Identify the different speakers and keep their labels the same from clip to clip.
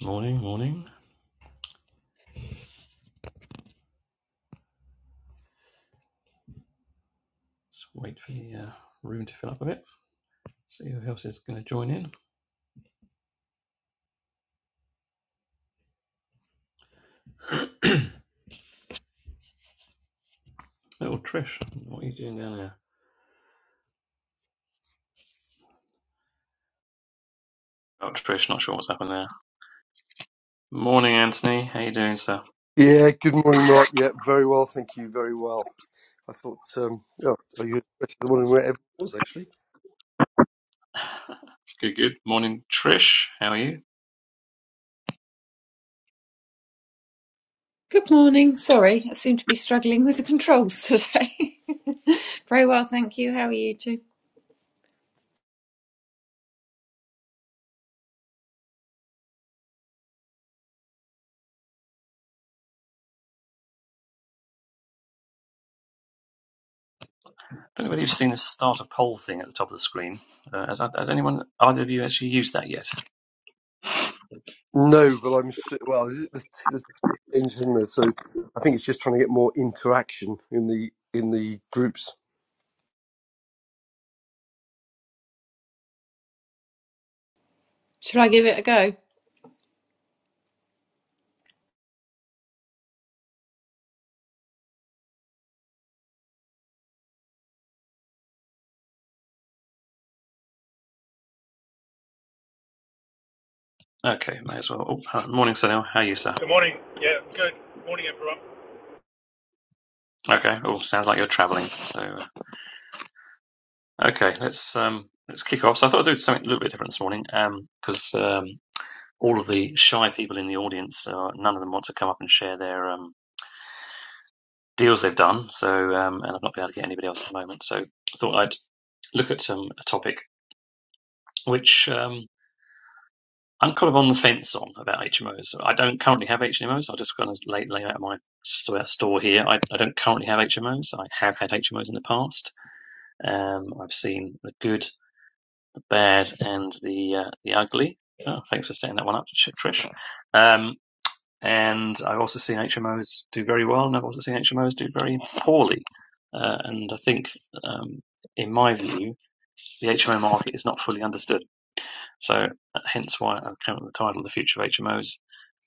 Speaker 1: Morning, morning. Just wait for the uh, room to fill up a bit. See who else is going to join in. Little Trish, what are you doing down there? Oh, Trish, not sure what's happened there. Morning, Anthony. How you doing, sir?
Speaker 2: Yeah, good morning, Mark. Yeah, very well, thank you, very well. I thought, um, oh, are you especially wondering where everyone was actually?
Speaker 1: good, good. Morning, Trish. How are you?
Speaker 3: Good morning. Sorry, I seem to be struggling with the controls today. Very well, thank you. How are you two?
Speaker 1: I don't know whether you've seen the start a poll thing at the top of the screen. Uh, has, has anyone, either of you, actually used that yet?
Speaker 2: No, but I'm su- well. This is it the the change in there, so I think it's just trying to get more interaction in the in the groups.
Speaker 3: Shall I give it a go?
Speaker 1: Okay, may as well. Oh, uh, morning, Sunil. How are you, sir?
Speaker 4: Good morning. Yeah, good morning, everyone.
Speaker 1: Okay. Oh, sounds like you're travelling. So, uh, okay, let's um, let's kick off. So, I thought I'd do something a little bit different this morning, um, because um, all of the shy people in the audience, uh, none of them want to come up and share their um deals they've done. So, um, and I've not been able to get anybody else at the moment. So, I thought I'd look at um, a topic which um, I'm kind of on the fence on about HMOs. I don't currently have HMOs. I just kind of lay, lay out my store here. I, I don't currently have HMOs. I have had HMOs in the past. Um, I've seen the good, the bad, and the uh, the ugly. Oh, thanks for setting that one up, Trish. Um, and I've also seen HMOs do very well, and I've also seen HMOs do very poorly. Uh, and I think, um, in my view, the HMO market is not fully understood So uh, hence why I came up with the title, "The Future of HMOs,"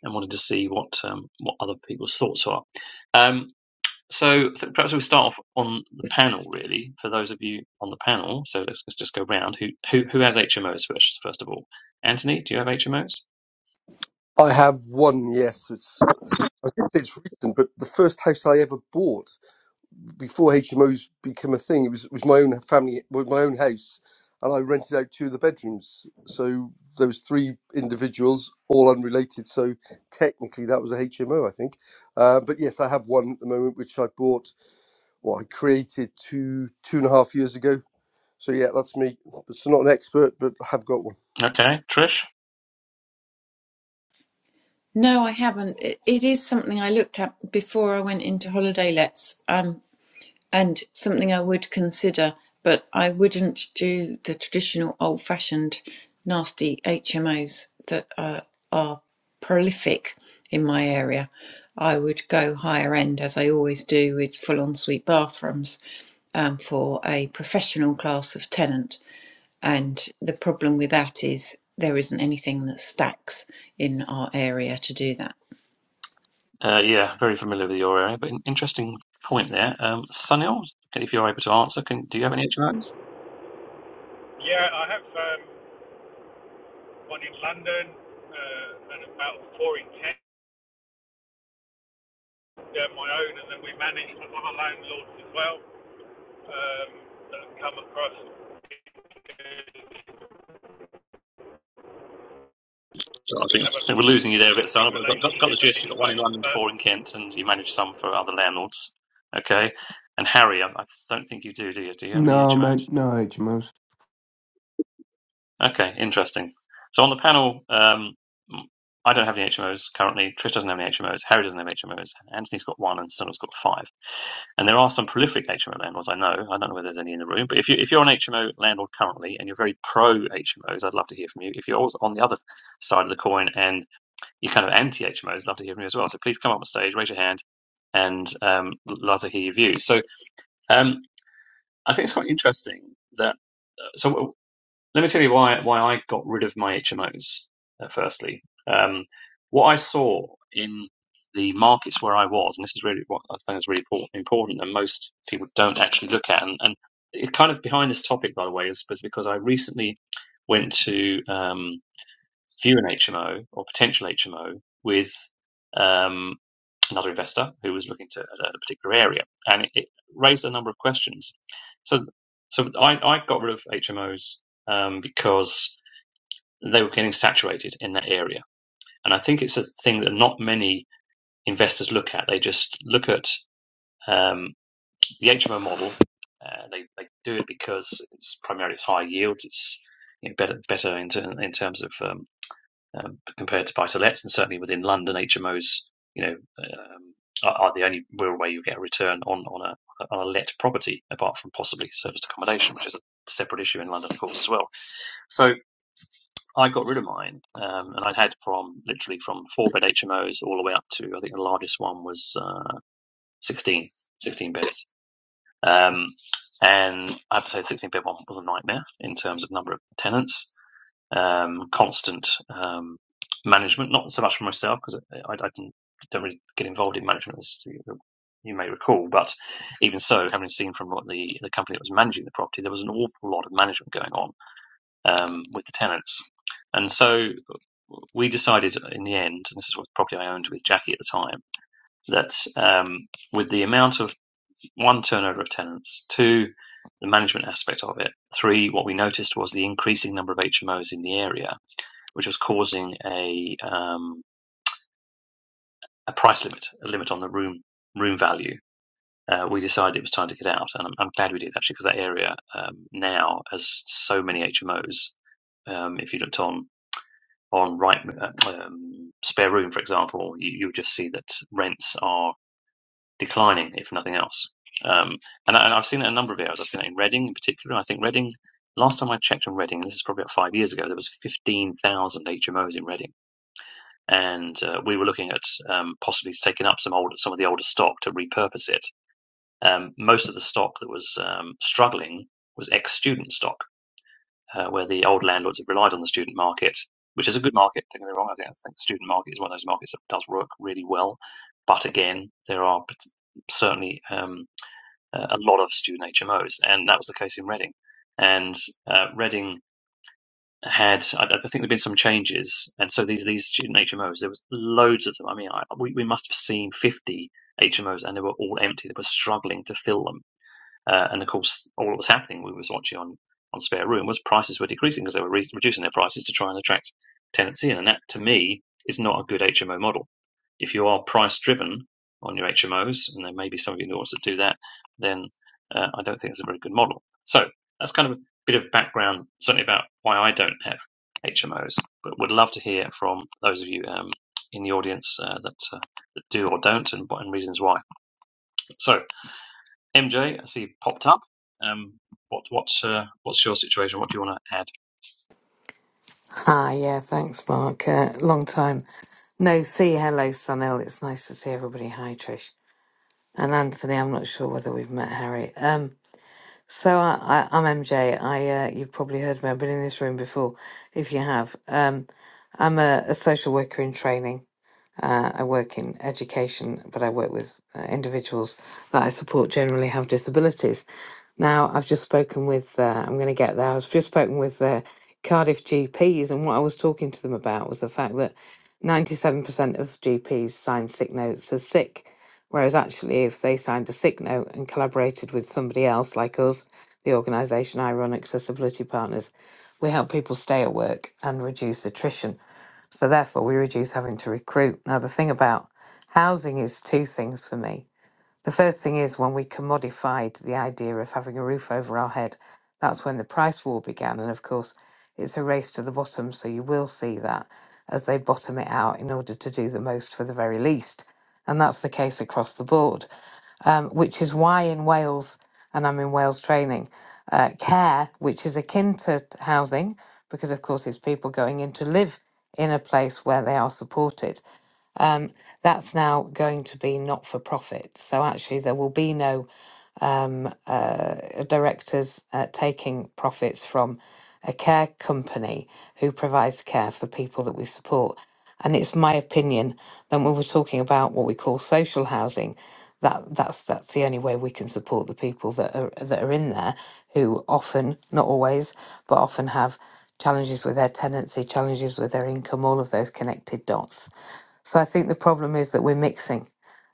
Speaker 1: and wanted to see what um, what other people's thoughts are. Um, so th- perhaps we'll start off on the panel, really, for those of you on the panel. So let's, let's just go round. Who, who who has HMOs first? First of all, Anthony, do you have HMOs?
Speaker 2: I have one. Yes, it's I was going to say it's recent, but the first house I ever bought. before HMOs became a thing, it was, it was my own family, with my own house, and I rented out two of the bedrooms. So there was three individuals, all unrelated. So technically, that was a HMO, I think. Uh, but yes, I have one at the moment, which I bought or I created two two and a half years ago. So yeah, that's me. So not an expert, but I have got one.
Speaker 1: Okay, Trish.
Speaker 3: No, I haven't. It, it is something I looked at before I went into holiday lets. Um, and something I would consider, but I wouldn't do the traditional old fashioned nasty HMOs that uh, are prolific in my area. I would go higher end as I always do with full ensuite bathrooms um, for a professional class of tenant. And the problem with that is there isn't anything that stacks in our area to do that.
Speaker 1: Uh, yeah, very familiar with your area, but an interesting point there. Um, Sunil, if you're able to answer, can do you have any HMOs?
Speaker 4: Yeah, I have um, one in London uh, and about four in Kent, uh, my own, and then we manage some other landlords as well um, that have come across.
Speaker 1: So I
Speaker 4: We
Speaker 1: think
Speaker 4: have a
Speaker 1: they were losing you there a bit,
Speaker 4: distinct
Speaker 1: Sana, but got, got, got the
Speaker 4: relationship at
Speaker 1: gist. You got one
Speaker 4: HMO,
Speaker 1: in London,
Speaker 4: but
Speaker 1: four in Kent, and you manage some for other landlords. Okay. And Harry, I, I don't think you do, do you? Do you have any
Speaker 5: No,
Speaker 1: HMOs?
Speaker 5: mate, no age most.
Speaker 1: Okay, interesting. So on the panel, um, I don't have any HMOs currently. Trish doesn't have any HMOs. Harry doesn't have HMOs. Anthony's got one, and Sunil's got five. And there are some prolific HMO landlords. I know. I don't know whether there's any in the room, but if you if you're an HMO landlord currently and you're very pro HMOs, I'd love to hear from you. If you're also on the other side of the coin and you're kind of anti HMOs. Love to hear from you as well. So please come up on stage, raise your hand, and um, love to hear your views. So um, I think it's quite interesting that. uh, So let me tell you why why I got rid of my HMOs. Uh, firstly, um, what I saw in the markets where I was, and this is really what I think is really important, and most people don't actually look at. And, and it's kind of behind this topic, by the way, is, because I recently went to um, view an HMO or potential HMO with Um, another investor who was looking to at a particular area, and it, it raised a number of questions. So, so I, I got rid of HMOs um, because they were getting saturated in that area, and I think it's a thing that not many investors look at. They just look at um, the HMO model. Uh, they they do it because it's primarily it's high yields. It's you know, better better in, ter- in terms of um, um, compared to buy-to-lets, and certainly within London, HMOs, you know, um, are, are the only real way you get a return on on a on a let property, apart from possibly serviced accommodation, which is a separate issue in London, of course, as well. So I got rid of mine, um, and I'd had from literally from four bed HMOs all the way up to I think the largest one was uh, 16 beds. Um, and I have to say, the 16 bed one was a nightmare in terms of number of tenants um, constant um, management, not so much for myself because I, I didn't, don't really get involved in management as you may recall. But even so, having seen from what the, the company that was managing the property, there was an awful lot of management going on um, with the tenants. And so we decided in the end, and this is what property I owned with Jackie at the time, that um, with the amount of one turnover of tenants, two the management aspect of it, three what we noticed was the increasing number of HMOs in the area, which was causing a um, a price limit, a limit on the room room value. Uh, we decided it was time to get out, and I'm, I'm glad we did actually, because that area um, now has so many HMOs. Um, if you looked on on right uh, um, spare room, for example, you, you would just see that rents are declining, if nothing else. Um, and, I, and I've seen that in a number of areas. I've seen that in Reading, in particular. I think Reading. Last time I checked on Reading, this is probably about five years ago, there was 15,000 HMOs in Reading and uh, we were looking at um, possibly taking up some old some of the older stock to repurpose it. Um, most of the stock that was um, struggling was ex-student stock, uh, where the old landlords had relied on the student market, which is a good market. Don't get me wrong; I think I think the student market is one of those markets that does work really well. But again, there are certainly um, a lot of student HMOs, and that was the case in Reading. And uh, Reading had I, I think there've been some changes, and so these these student HMOs there was loads of them. I mean, I, we we must have seen fifty HMOs, and they were all empty. They were struggling to fill them. Uh, and of course, all that was happening, we was watching on, on Spare Room, was prices were decreasing because they were re- reducing their prices to try and attract tenancy in. And that, to me, is not a good HMO model. If you are price driven on your HMOs, and there may be some of you know that do that, then uh, I don't think it's a very good model. So that's kind of a bit of background, certainly about why I don't have HMOs. But would love to hear from those of you um, in the audience uh, that, uh, that do or don't, and, and reasons why. So MJ, I see you popped up. Um, what what's uh, what's your situation? What do you want to add?
Speaker 6: Ah, yeah, thanks, Mark. Uh, long time. No, see, hello, Sunil. It's nice to see everybody. Hi, Trish. And Anthony, I'm not sure whether we've met Harry. Um, so I, I, I'm MJ. I, uh, you've probably heard me. I've been in this room before, if you have. Um, I'm a, a social worker in training. Uh, I work in education, but I work with uh, individuals that I support generally have disabilities. Now, I've just spoken with, uh, I'm going to get there, I've just spoken with uh, Cardiff GPs, and what I was talking to them about was the fact that 97% of GPs sign sick notes as sick, whereas actually, if they signed a sick note and collaborated with somebody else like us, the organisation I run, Accessibility Partners, we help people stay at work and reduce attrition. So therefore, we reduce having to recruit. Now, the thing about housing is two things for me. The first thing is when we commodified the idea of having a roof over our head, that's when the price war began. And of course, it's a race to the bottom. So you will see that as they bottom it out in order to do the most for the very least. And that's the case across the board um, which is why in Wales, and I'm in Wales training, uh, care, which is akin to t- housing, because of course it's people going in to live in a place where they are supported, that's now going to be not for profit. So actually, there will be no uh, directors uh, taking profits from a care company who provides care for people that we support. And it's my opinion that when we're talking about what we call social housing, that that's that's the only way we can support the people that are that are in there who often, not always, but often have challenges with their tenancy, challenges with their income, all of those connected dots. So I think the problem is that we're mixing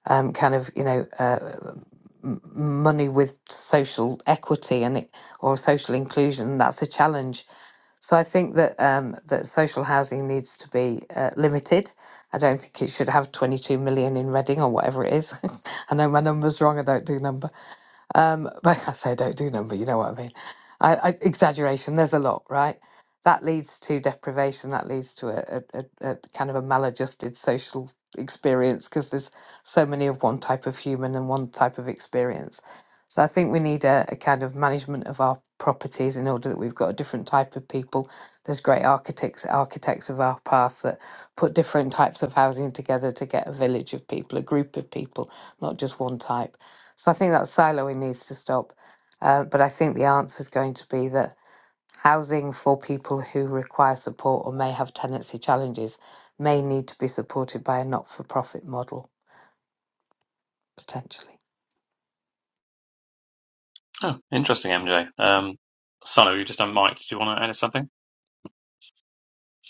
Speaker 6: um, kind of, you know, uh, money with social equity and it, or social inclusion. That's a challenge. So I think that um, that social housing needs to be uh, limited. I don't think it should have 22 million in Reading or whatever it is. I know my number's wrong. I don't do numbers. Um, but I say I don't do number, you know what I mean. I, I, exaggeration, there's a lot, right? That leads to deprivation, that leads to a, a, a, a kind of a maladjusted social experience because there's so many of one type of human and one type of experience. So I think we need a, a kind of management of our properties in order that we've got a different type of people. There's great architects, architects of our past that put different types of housing together to get a village of people, a group of people, not just one type. So I think that siloing needs to stop. Uh, but I think the answer is going to be that housing for people who require support or may have tenancy challenges may need to be supported by a not for profit model, potentially.
Speaker 1: Oh, interesting, MJ. Um, Sano, you just unmiked. Do you want to add something?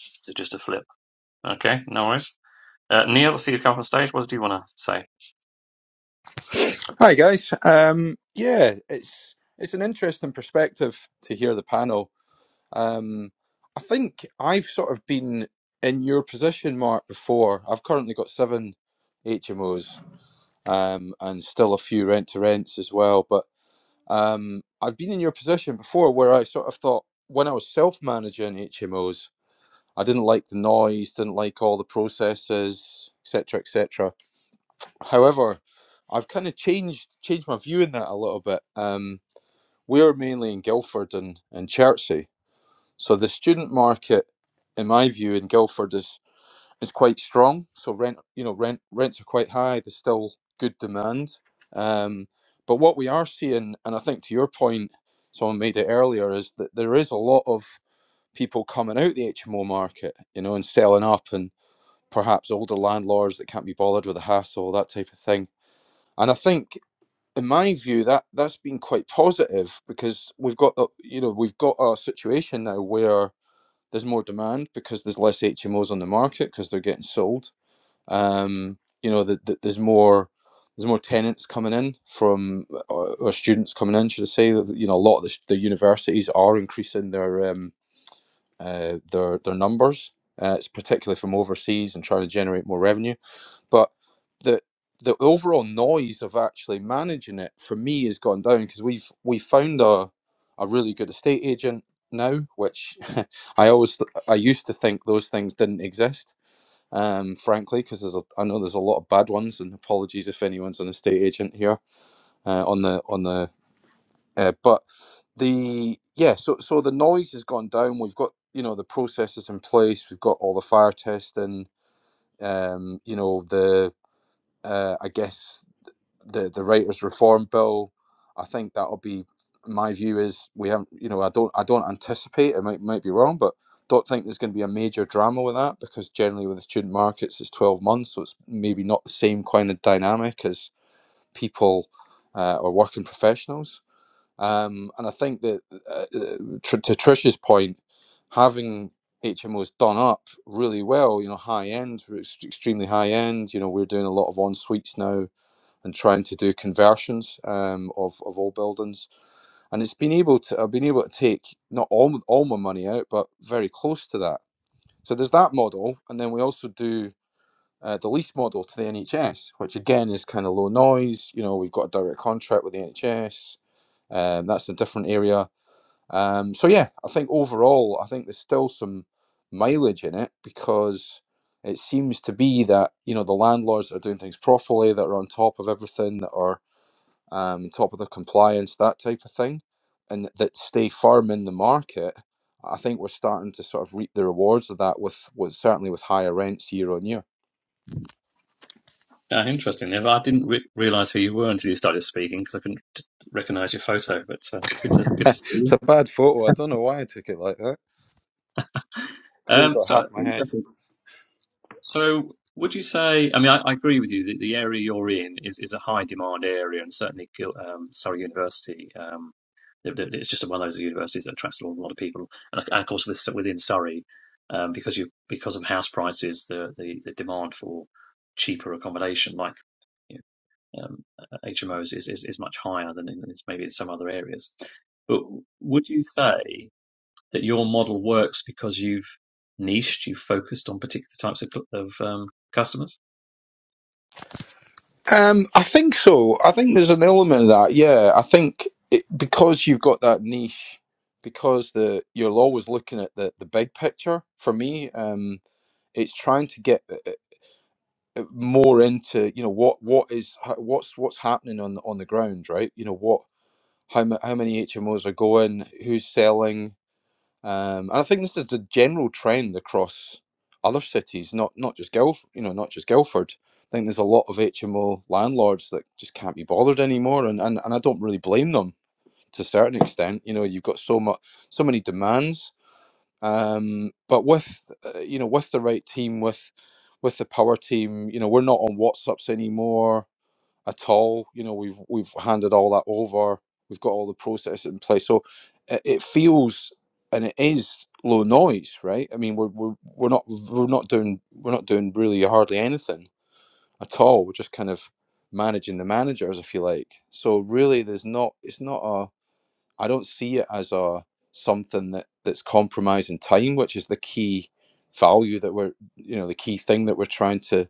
Speaker 1: Is it just a flip? Okay, no worries. Uh, Neil, I see you come up on stage. What do you want to say?
Speaker 7: Hi guys. Um, yeah, it's it's an interesting perspective to hear the panel. Um, I think I've sort of been in your position, Mark, before. I've currently got seven HMOs um, and still a few rent to rents as well. But um, I've been in your position before, where I sort of thought when I was self managing HMOs, I didn't like the noise, didn't like all the processes, etc., etc However, I've kind of changed changed my view in that a little bit. Um, we're mainly in Guildford and, and Chertsey, so the student market, in my view, in Guildford is is quite strong. So rent, you know, rent rents are quite high. There's still good demand. Um, but what we are seeing, and I think to your point, someone made it earlier, is that there is a lot of people coming out the HMO market, you know, and selling up, and perhaps older landlords that can't be bothered with the hassle, that type of thing. And I think in my view, that that's been quite positive because we've got a- you know we've got a situation now where there's more demand because there's less HMOs on the market because they're getting sold. Um, you know that that there's more there's more tenants coming in from or, or students coming in, should I say? that, You know, a lot of the, s- the universities are increasing their um, uh, their their numbers. Uh, it's particularly from overseas and trying to generate more revenue but the the overall noise of actually managing it for me has gone down because we've we found a a really good estate agent now, which I always th- I used to think those things didn't exist. Um, frankly, because there's a, I know there's a lot of bad ones, and apologies if anyone's an estate agent here uh, on the on the uh, but the yeah so so the noise has gone down. We've got you know the processes in place. We've got all the fire testing. Um, you know the uh, I guess the the writers reform bill i think that'll be my view is we haven't you know i don't i don't anticipate it might, might be wrong but don't think there's going to be a major drama with that because generally with the student markets it's 12 months so it's maybe not the same kind of dynamic as people uh, or working professionals um, and i think that uh, uh, to trish's point having hmos done up really well you know high end extremely high end you know we're doing a lot of en suites now and trying to do conversions um, of of old buildings, and it's been able to I've been able to take not all all my money out, but very close to that. So there's that model, and then we also do uh, the lease model to the NHS, which again is kind of low noise. You know, we've got a direct contract with the NHS, um, that's a different area. Um, so yeah, I think overall, I think there's still some mileage in it because it seems to be that you know the landlords that are doing things properly, that are on top of everything, that are um, top of the compliance, that type of thing, and that stay firm in the market. I think we're starting to sort of reap the rewards of that with, with certainly with higher rents year on year.
Speaker 1: Uh, interesting, Neil. I didn't re- realise who you were until you started speaking because I couldn't t- recognise your photo. But uh, good to good to see
Speaker 7: It's
Speaker 1: you.
Speaker 7: a bad photo. I don't know why I took it like that. It's only
Speaker 1: Um,
Speaker 7: got
Speaker 1: so
Speaker 7: half my head.
Speaker 1: interesting. So, would you say? I mean, I, I agree with you that the area you're in is, is a high demand area, and certainly Gil- um, Surrey University. Um, th- th- it's just one of those universities that attracts a lot, a lot of people, and, of- and of course with, within Surrey, um, because you because of house prices, the, the, the demand for cheaper accommodation, like you know, um, HMOs, is, is is much higher than in, is maybe in some other areas. But would you say? that your model works because you've niched, you've focused on particular types of, of um, customers?
Speaker 7: Um, I think so. I think there's an element of that. Yeah, I think it, because you've got that niche, because the you're always looking at the the big picture. For me, um, it's trying to get. uh, more into you know what what is ho- what's what's happening on the on the ground right you know what how ma- how many HMOs are going who's selling um and I think this is the general trend across other cities not not just Guilf you know not just Guildford I think there's a lot of HMO landlords that just can't be bothered anymore and and, and I don't really blame them to a certain extent you know you've got so much so many demands um, but with uh, you know with the right team, with with the power team, you know we're not on WhatsApps anymore at all. You know we've we've handed all that over. We've got all the processes in place, so it, it feels and it is low noise, right? I mean we're, we're we're not we're not doing we're not doing really hardly anything at all. We're just kind of managing the managers, if you like. So really, there's not it's not a I don't see it as a something that that's compromising time, which is the key value that we're you know the key thing that we're trying to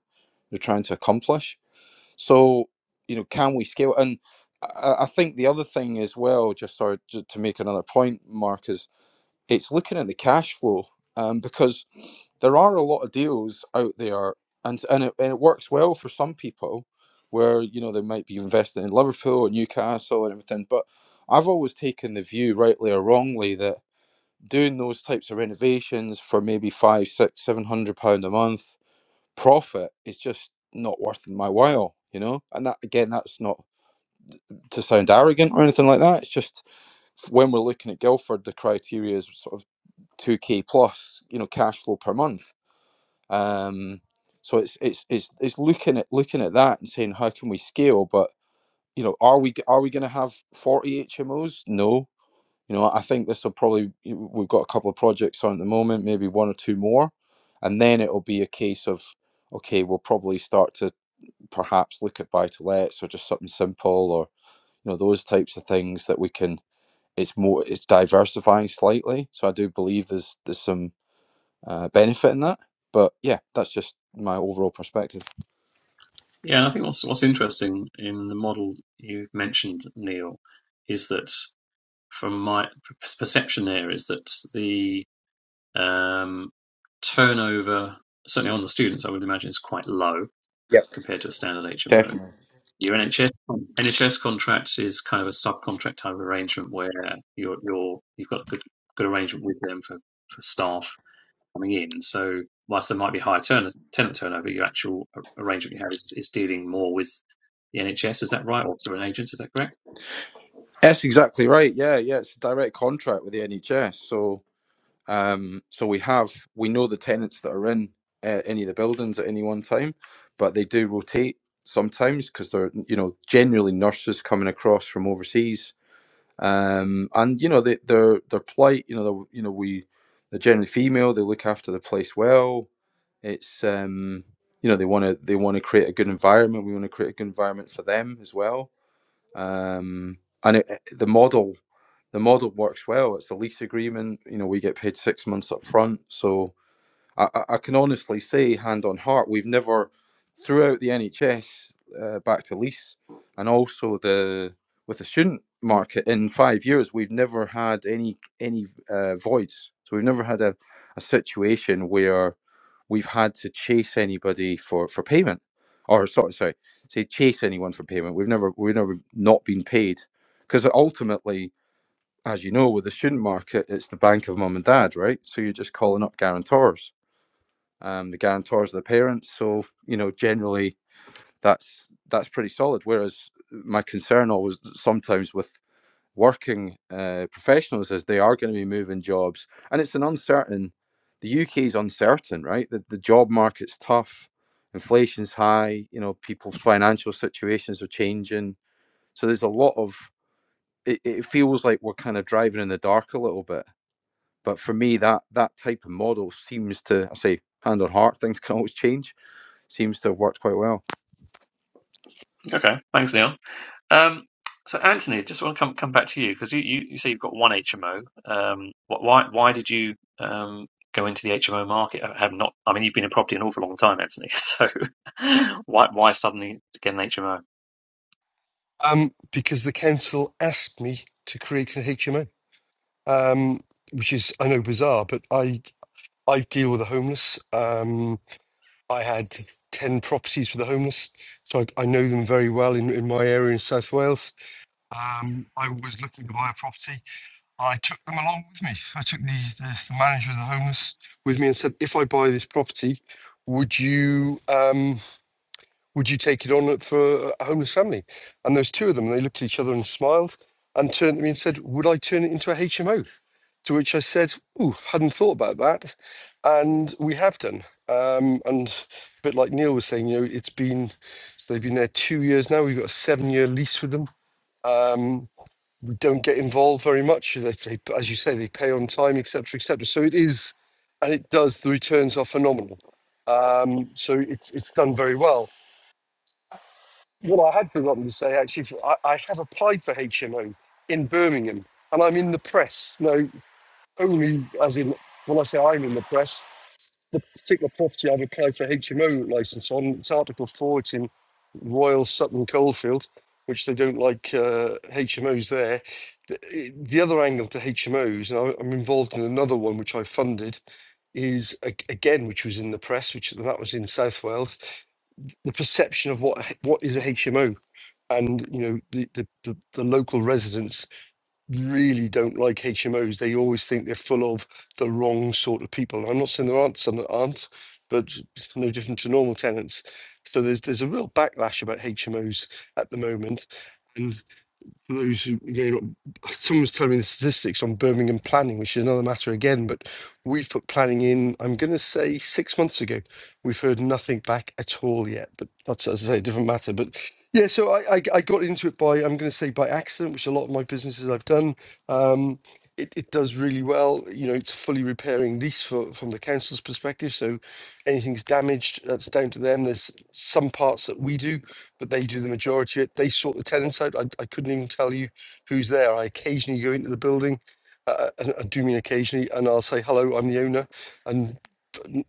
Speaker 7: we're trying to accomplish. So you know, can we scale? And I, I think the other thing as well, just sorry to, to make another point, Mark, is it's looking at the cash flow um, because there are a lot of deals out there, and and it, and it works well for some people where you know they might be investing in Liverpool and Newcastle and everything. But I've always taken the view, rightly or wrongly, that doing those types of renovations for maybe five, six, seven hundred pound a month profit is just not worth my while. You know, and that again, that's not to sound arrogant or anything like that. It's just when we're looking at Guildford, the criteria is sort of 2k plus you know cash flow per month um so it's it's it's it's looking at looking at that and saying how can we scale but you know are we are we going to have 40 hmos no you know i think this will probably we've got a couple of projects on at the moment maybe one or two more and then it'll be a case of okay we'll probably start to perhaps look at buy to lets or just something simple or you know those types of things that we can it's more it's diversifying slightly so i do believe there's there's some uh, benefit in that. But yeah, that's just my overall perspective.
Speaker 1: Yeah, and I think what's what's interesting in the model you mentioned, Neil, is that from my perception there is that the um, turnover, certainly on the students, I would imagine is quite low
Speaker 7: Yep,
Speaker 1: compared to a standard HMO.
Speaker 7: definitely.
Speaker 1: Your NHS NHS contract is kind of a subcontract type of arrangement where you're you're you've got a good good arrangement with them for for staff coming in. So whilst there might be higher turn- tenant turnover, your actual arrangement you have is, is dealing more with the NHS. Is that right, or through an agent? Is that correct?
Speaker 7: That's exactly right. Yeah, yeah. It's a direct contract with the NHS. So, um, so we have we know the tenants that are in uh, any of the buildings at any one time, but they do rotate sometimes because they're you know generally nurses coming across from overseas um, and you know they, their their plight. You know, they're- you know we they're generally female. They look after the place well. It's um, you know they want to they want to create a good environment. We want to create a good environment for them as well. Um, and it, it- the model the model works well. It's a lease agreement. You know, we get paid six months up front, so I, I I can honestly say, hand on heart, we've never, throughout the NHS, uh, back to lease, and also the with the student market in five years, we've never had any any uh, voids. So we've never had a, a situation where we've had to chase anybody for, for payment, or sorry, sorry, say chase anyone for payment. We've never we've never not been paid because ultimately, as you know, with the student market, it's the bank of mum and dad, right? So you're just calling up guarantors um, the guarantors are the parents. So you know, generally that's that's pretty solid. Whereas my concern always sometimes with working uh, professionals is they are going to be moving jobs, and it's an uncertain. The UK is uncertain, right? The, the job market's tough, inflation's high. You know, people's financial situations are changing. So there's a lot of it, it feels like we're kind of driving in the dark a little bit. But for me, that that type of model seems to I say hand on heart, things can always change seems to have worked quite well.
Speaker 1: Okay, thanks, Neil. Um, so, Anthony, just want to come come back to you because you, you, you say you've got one HMO. Um, why why did you um, go into the HMO market? I have not. I mean, you've been in property an awful long time, Anthony. So, why why suddenly get an HMO?
Speaker 2: Um, because the council asked me to create an HMO, um, which is I know bizarre, but I I deal with the homeless. Um, I had 10 properties for the homeless, so I, I know them very well in, in my area in South Wales. Um, I was looking to buy a property. I took them along with me. I took the, the, the manager of the homeless with me and said, if I buy this property, would you? um, would you take it on for a homeless family? And there's two of them, and they looked at each other and smiled and turned to me and said, Would I turn it into a HMO? To which I said, Ooh, hadn't thought about that. And we have done. Um, and a bit like Neil was saying, you know, it's been, so they've been there two years now. We've got a seven year lease with them. Um, we don't get involved very much. They, they, as you say, they pay on time, et cetera, et cetera. So it is, and it does, the returns are phenomenal. Um, so it's, it's done very well what I had forgotten to say actually, for- I, I have applied for HMO in Birmingham, and I'm in the press. No, only as in when I say I'm in the press, the particular property I've applied for HMO license on. It's Article Four. It's in Royal Sutton Coldfield, which they don't like uh, HMOs there. The, eh, the other angle to HMOs, and I- I'm involved in another one which I funded, is a- again which was in the press, which that was in South Wales the perception of what what is a HMO, and you know the the, the, the local residents really don't like HMOs. They always think they're full of the wrong sort of people. I'm not saying there aren't some that aren't, but it's no different to normal tenants. So there's there's a real backlash about HMOs at the moment, and those who, you know, someone's telling me the statistics on Birmingham planning, which is another matter again, but we've put planning in, I'm going to say six months ago. We've heard nothing back at all yet, but that's, as I say, a different matter. But yeah, so I, I, I got into it by, I'm going to say by accident, which a lot of my businesses I've done. Um, it, it does really well. You know, it's a fully repairing lease for, from the council's perspective. So anything's damaged, that's down to them. There's some parts that we do but they do the majority of it. They sort the tenants out. I, I couldn't even tell you who's there. I occasionally go into the building, uh, uh, and I do mean occasionally, and I'll say, hello, I'm the owner. And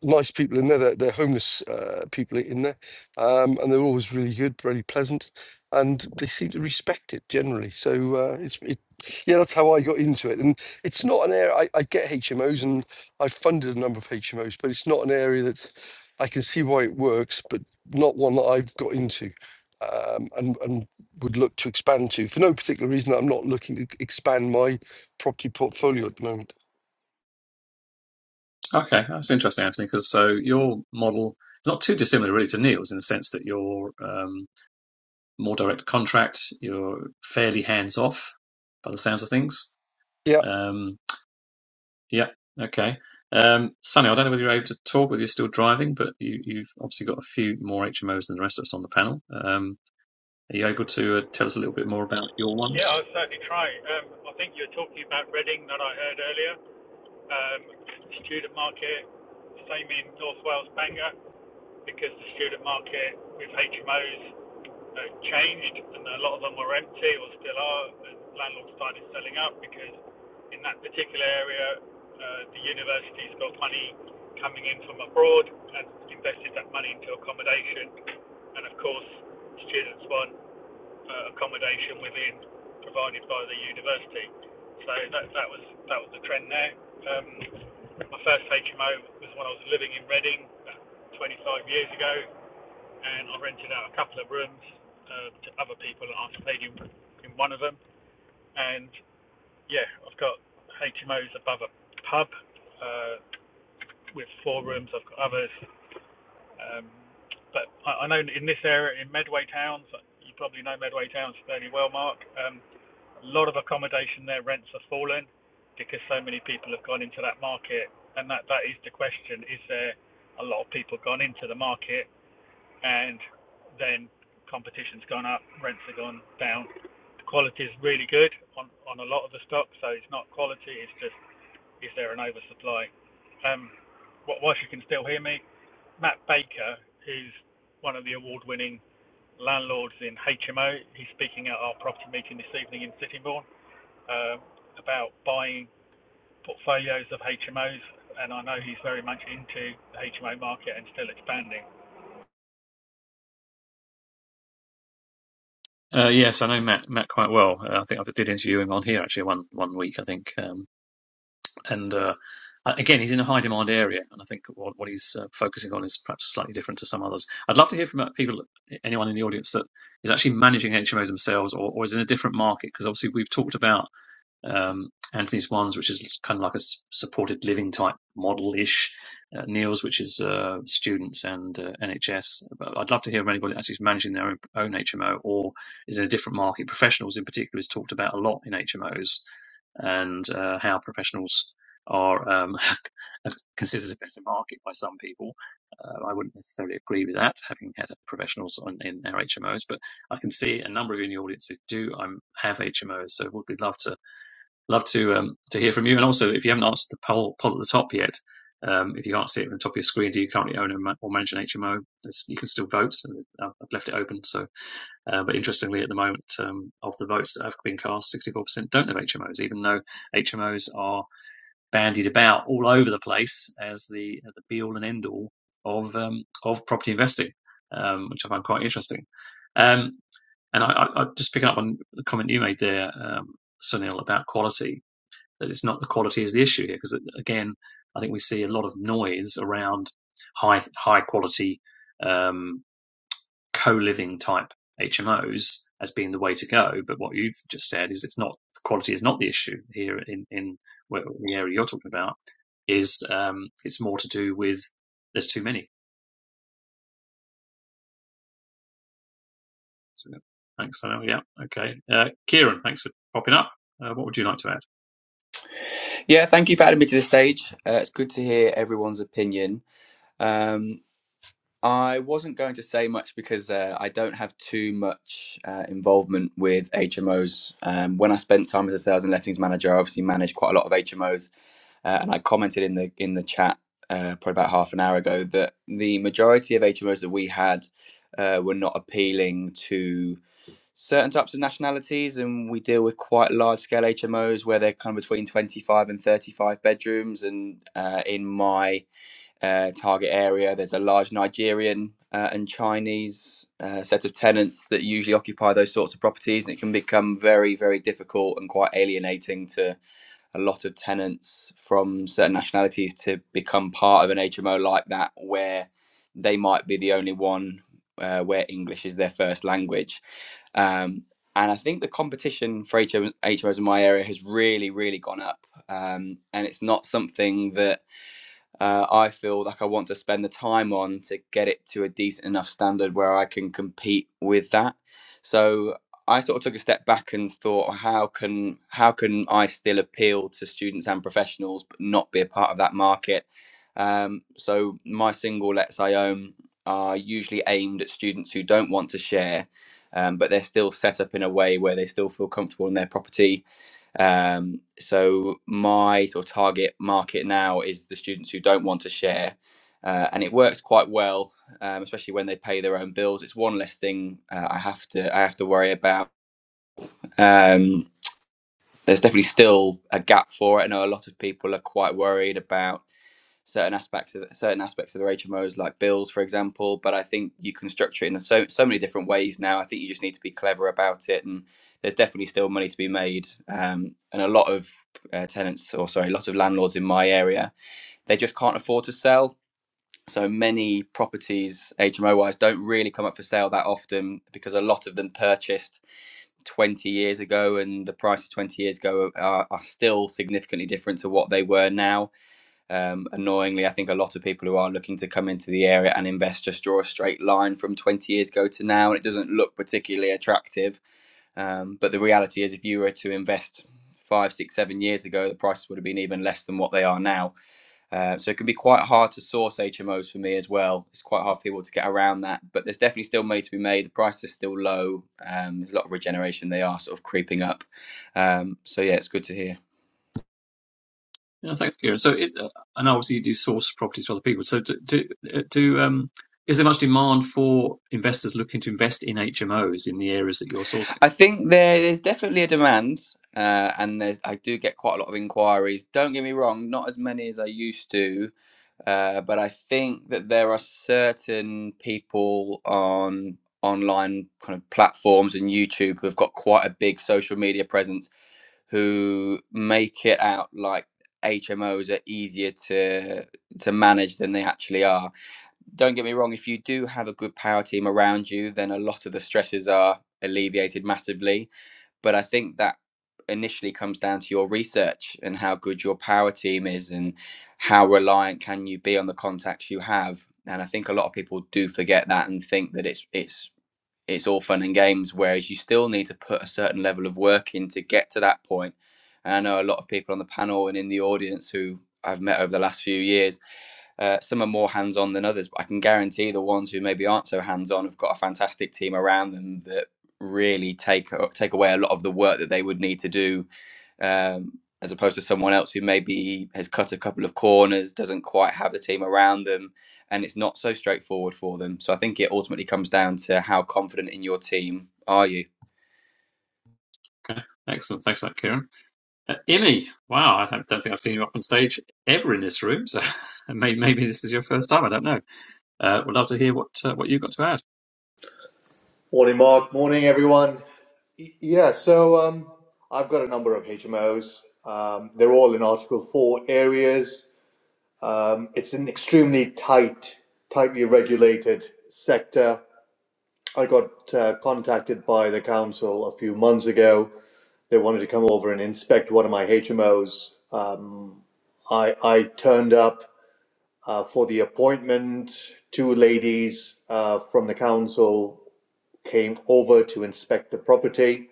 Speaker 2: nice people in there, they're, they're homeless uh, people in there. Um, and they're always really good, really pleasant. And they seem to respect it generally. So uh, it's, it, yeah, that's how I got into it. And it's not an area, I, I get HMOs and I've funded a number of HMOs, but it's not an area that I can see why it works, but not one that I've got into um, and and would look to expand to for no particular reason. I'm not looking to expand my property portfolio at the moment.
Speaker 1: Okay, that's interesting, Anthony. Because so your model is not too dissimilar really to Neil's in the sense that you're um, more direct contract. You're fairly hands off by the sounds of things.
Speaker 2: Yeah.
Speaker 1: Um, yeah, okay. Um, Sunny, I don't know whether you're able to talk, whether you're still driving, but you, you've obviously got a few more HMOs than the rest of us on the panel. Um, are you able to uh, tell us a little bit more about your
Speaker 4: yeah, I'll
Speaker 1: ones?
Speaker 4: certainly try. Um, I think you're talking about Reading that I heard earlier, um, student market, same in North Wales, Bangor, because the student market with HMOs that changed, and a lot of them were empty or still are. And landlords started selling up because in that particular area, uh, the university's got money coming in from abroad and invested that money into accommodation. And of course, students want uh, accommodation within provided by the university. So that that was that was the trend there. Um, my first HMO was when I was living in Reading uh, 25 years ago, and I rented out a couple of rooms uh, to other people, and I stayed in, in one of them. And yeah, I've got HMOs above a pub uh, with four rooms. I've got others, um, but I, I know in this area in Medway Towns, you probably know Medway Towns fairly well, Mark. Um, a lot of accommodation there rents have fallen because so many people have gone into that market, and that that is the question: is there a lot of people gone into the market and then competition's gone up, rents have gone down. The quality is really good on, on a lot of the stock, so it's not quality, it's just is there an oversupply? Um, wh- whilst you can still hear me, Matt Baker, who's one of the award winning landlords in HMO, he's speaking at our property meeting this evening in Sittingbourne um, about buying portfolios of HMOs. And I know he's very much into the HMO market and still expanding.
Speaker 1: Uh, yes, I know Matt Matt quite well. Uh, I think I did interview him on here actually one one week. I think. um, and uh, uh, again, he's in a high demand area, and I think what, what he's uh, focusing on is perhaps slightly different to some others. I'd love to hear from uh, people, anyone in the audience that is actually managing HMOs themselves or, or is in a different market, because obviously we've talked about um, Anthony Swans, which is kind of like a supported living type model ish, uh, Neil's, which is uh, students and uh, NHS. But I'd love to hear from anybody that actually managing their own, own HMO or is in a different market. Professionals, in particular, is talked about a lot in HMOs and uh, how professionals are um, considered a better market by some people. Uh, I wouldn't necessarily agree with that, having had professionals on, in our HMOs, but I can see a number of you in the audience who do um, have HMOs, so would be love to love to um, to hear from you. And also, if you haven't answered the poll poll at the top yet, um, if you can't see it on the top of your screen, do you currently own a or manage an HMO? It's, you can still vote. So, uh, I've left it open. So, uh, but interestingly, at the moment, um, of the votes that have been cast, 64% don't have HMOs, even though HMOs are bandied about all over the place as the the be all and end all of um, of property investing, um, which I find quite interesting. Um, and I, I, I just picking up on the comment you made there, um, Sunil, about quality that it's not the quality is the issue here because again I think we see a lot of noise around high high quality um, co-living type HMOs as being the way to go but what you've just said is it's not quality is not the issue here in in where, the area you're talking about is um, it's more to do with there's too many so, thanks I know yeah okay uh, Kieran thanks for popping up uh, what would you like to add
Speaker 8: Yeah, thank you for adding me to the stage. Uh, it's good to hear everyone's opinion. Um, I wasn't going to say much because uh, I don't have too much uh, involvement with HMOs. Um, when I spent time as a sales and lettings manager, I obviously managed quite a lot of HMOs, uh, and I commented in the in the chat uh, probably about half an hour ago that the majority of HMOs that we had uh, were not appealing to certain types of nationalities, and we deal with quite large scale HMOs where they're kind of between 25 and 35 bedrooms. And uh, in my uh, target area, there's a large Nigerian uh, and Chinese uh, set of tenants that usually occupy those sorts of properties, and it can become very, very difficult and quite alienating to a lot of tenants from certain nationalities to become part of an HMO like that, where they might be the only one. Uh, where English is their first language, um, and I think the competition for HMOs, HMOs in my area has really, really gone up. Um, and it's not something that uh, I feel like I want to spend the time on to get it to a decent enough standard where I can compete with that. So I sort of took a step back and thought, how can how can I still appeal to students and professionals but not be a part of that market? Um, so my single lets I Own" are usually aimed at students who don't want to share, um, but they're still set up in a way where they still feel comfortable in their property um, so my sort of target market now is the students who don't want to share, uh, and it works quite well, um, especially when they pay their own bills. It's one less thing uh, I have to I have to worry about. Um, there's definitely still a gap for it. I know a lot of people are quite worried about certain aspects of certain aspects of their HMOs, like bills, for example. But I think you can structure it in so so many different ways now. I think you just need to be clever about it, and there's definitely still money to be made. Um, and a lot of uh, tenants, or sorry, lots of landlords in my area, they just can't afford to sell. So many properties, HMO wise, don't really come up for sale that often because a lot of them purchased 20 years ago, and the prices 20 years ago are, are still significantly different to what they were now um, annoyingly, I think a lot of people who are looking to come into the area and invest just draw a straight line from 20 years ago to now, and it doesn't look particularly attractive. Um, but the reality is, if you were to invest five, six, seven years ago, the prices would have been even less than what they are now. Uh, so it can be quite hard to source HMOs for me as well. It's quite hard for people to get around that, but there's definitely still money to be made. The price is still low. Um, there's a lot of regeneration. They are sort of creeping up. Um, so yeah, it's good to hear.
Speaker 1: Yeah, thanks, Kieran. So, is, uh, and obviously you do source properties for other people. So, do, do, uh, do um, is there much demand for investors looking to invest in HMOs in the areas that you're sourcing?
Speaker 8: I think there is definitely a demand, uh, and there's I do get quite a lot of inquiries. Don't get me wrong, not as many as I used to, uh, but I think that there are certain people on online kind of platforms and YouTube who have got quite a big social media presence who make it out like HMOs are easier to to manage than they actually are. Don't get me wrong, if you do have a good power team around you, then a lot of the stresses are alleviated massively but I think that initially comes down to your research and how good your power team is and how reliant can you be on the contacts you have. And I think a lot of people do forget that and think that it's it's it's all fun and games, whereas you still need to put a certain level of work in to get to that point. And I know a lot of people on the panel and in the audience who I've met over the last few years uh, some are more hands on than others, but I can guarantee the ones who maybe aren't so hands on have got a fantastic team around them that really take uh, take away a lot of the work that they would need to do. Um, as opposed to someone else who maybe has cut a couple of corners, doesn't quite have the team around them, and it's not so straightforward for them. So I think it ultimately comes down to how confident in your team are you.
Speaker 1: Okay, excellent. Thanks for that, Kieran. Uh, Emmy, wow, I don't think I've seen you up on stage ever in this room. So, maybe, maybe this is your first time. I don't know. Uh, would love to hear what uh, what you've got to add.
Speaker 9: Morning, Mark. Morning, everyone. Y- Yeah, so um, I've got a number of HMOs. Um, they're all in Article 4 areas. Um, it's an extremely tight, tightly regulated sector. I got uh, contacted by the council a few months ago. They wanted to come over and inspect one of my HMOs. Um, I, I turned up uh, for the appointment. Two ladies uh, from the council came over to inspect the property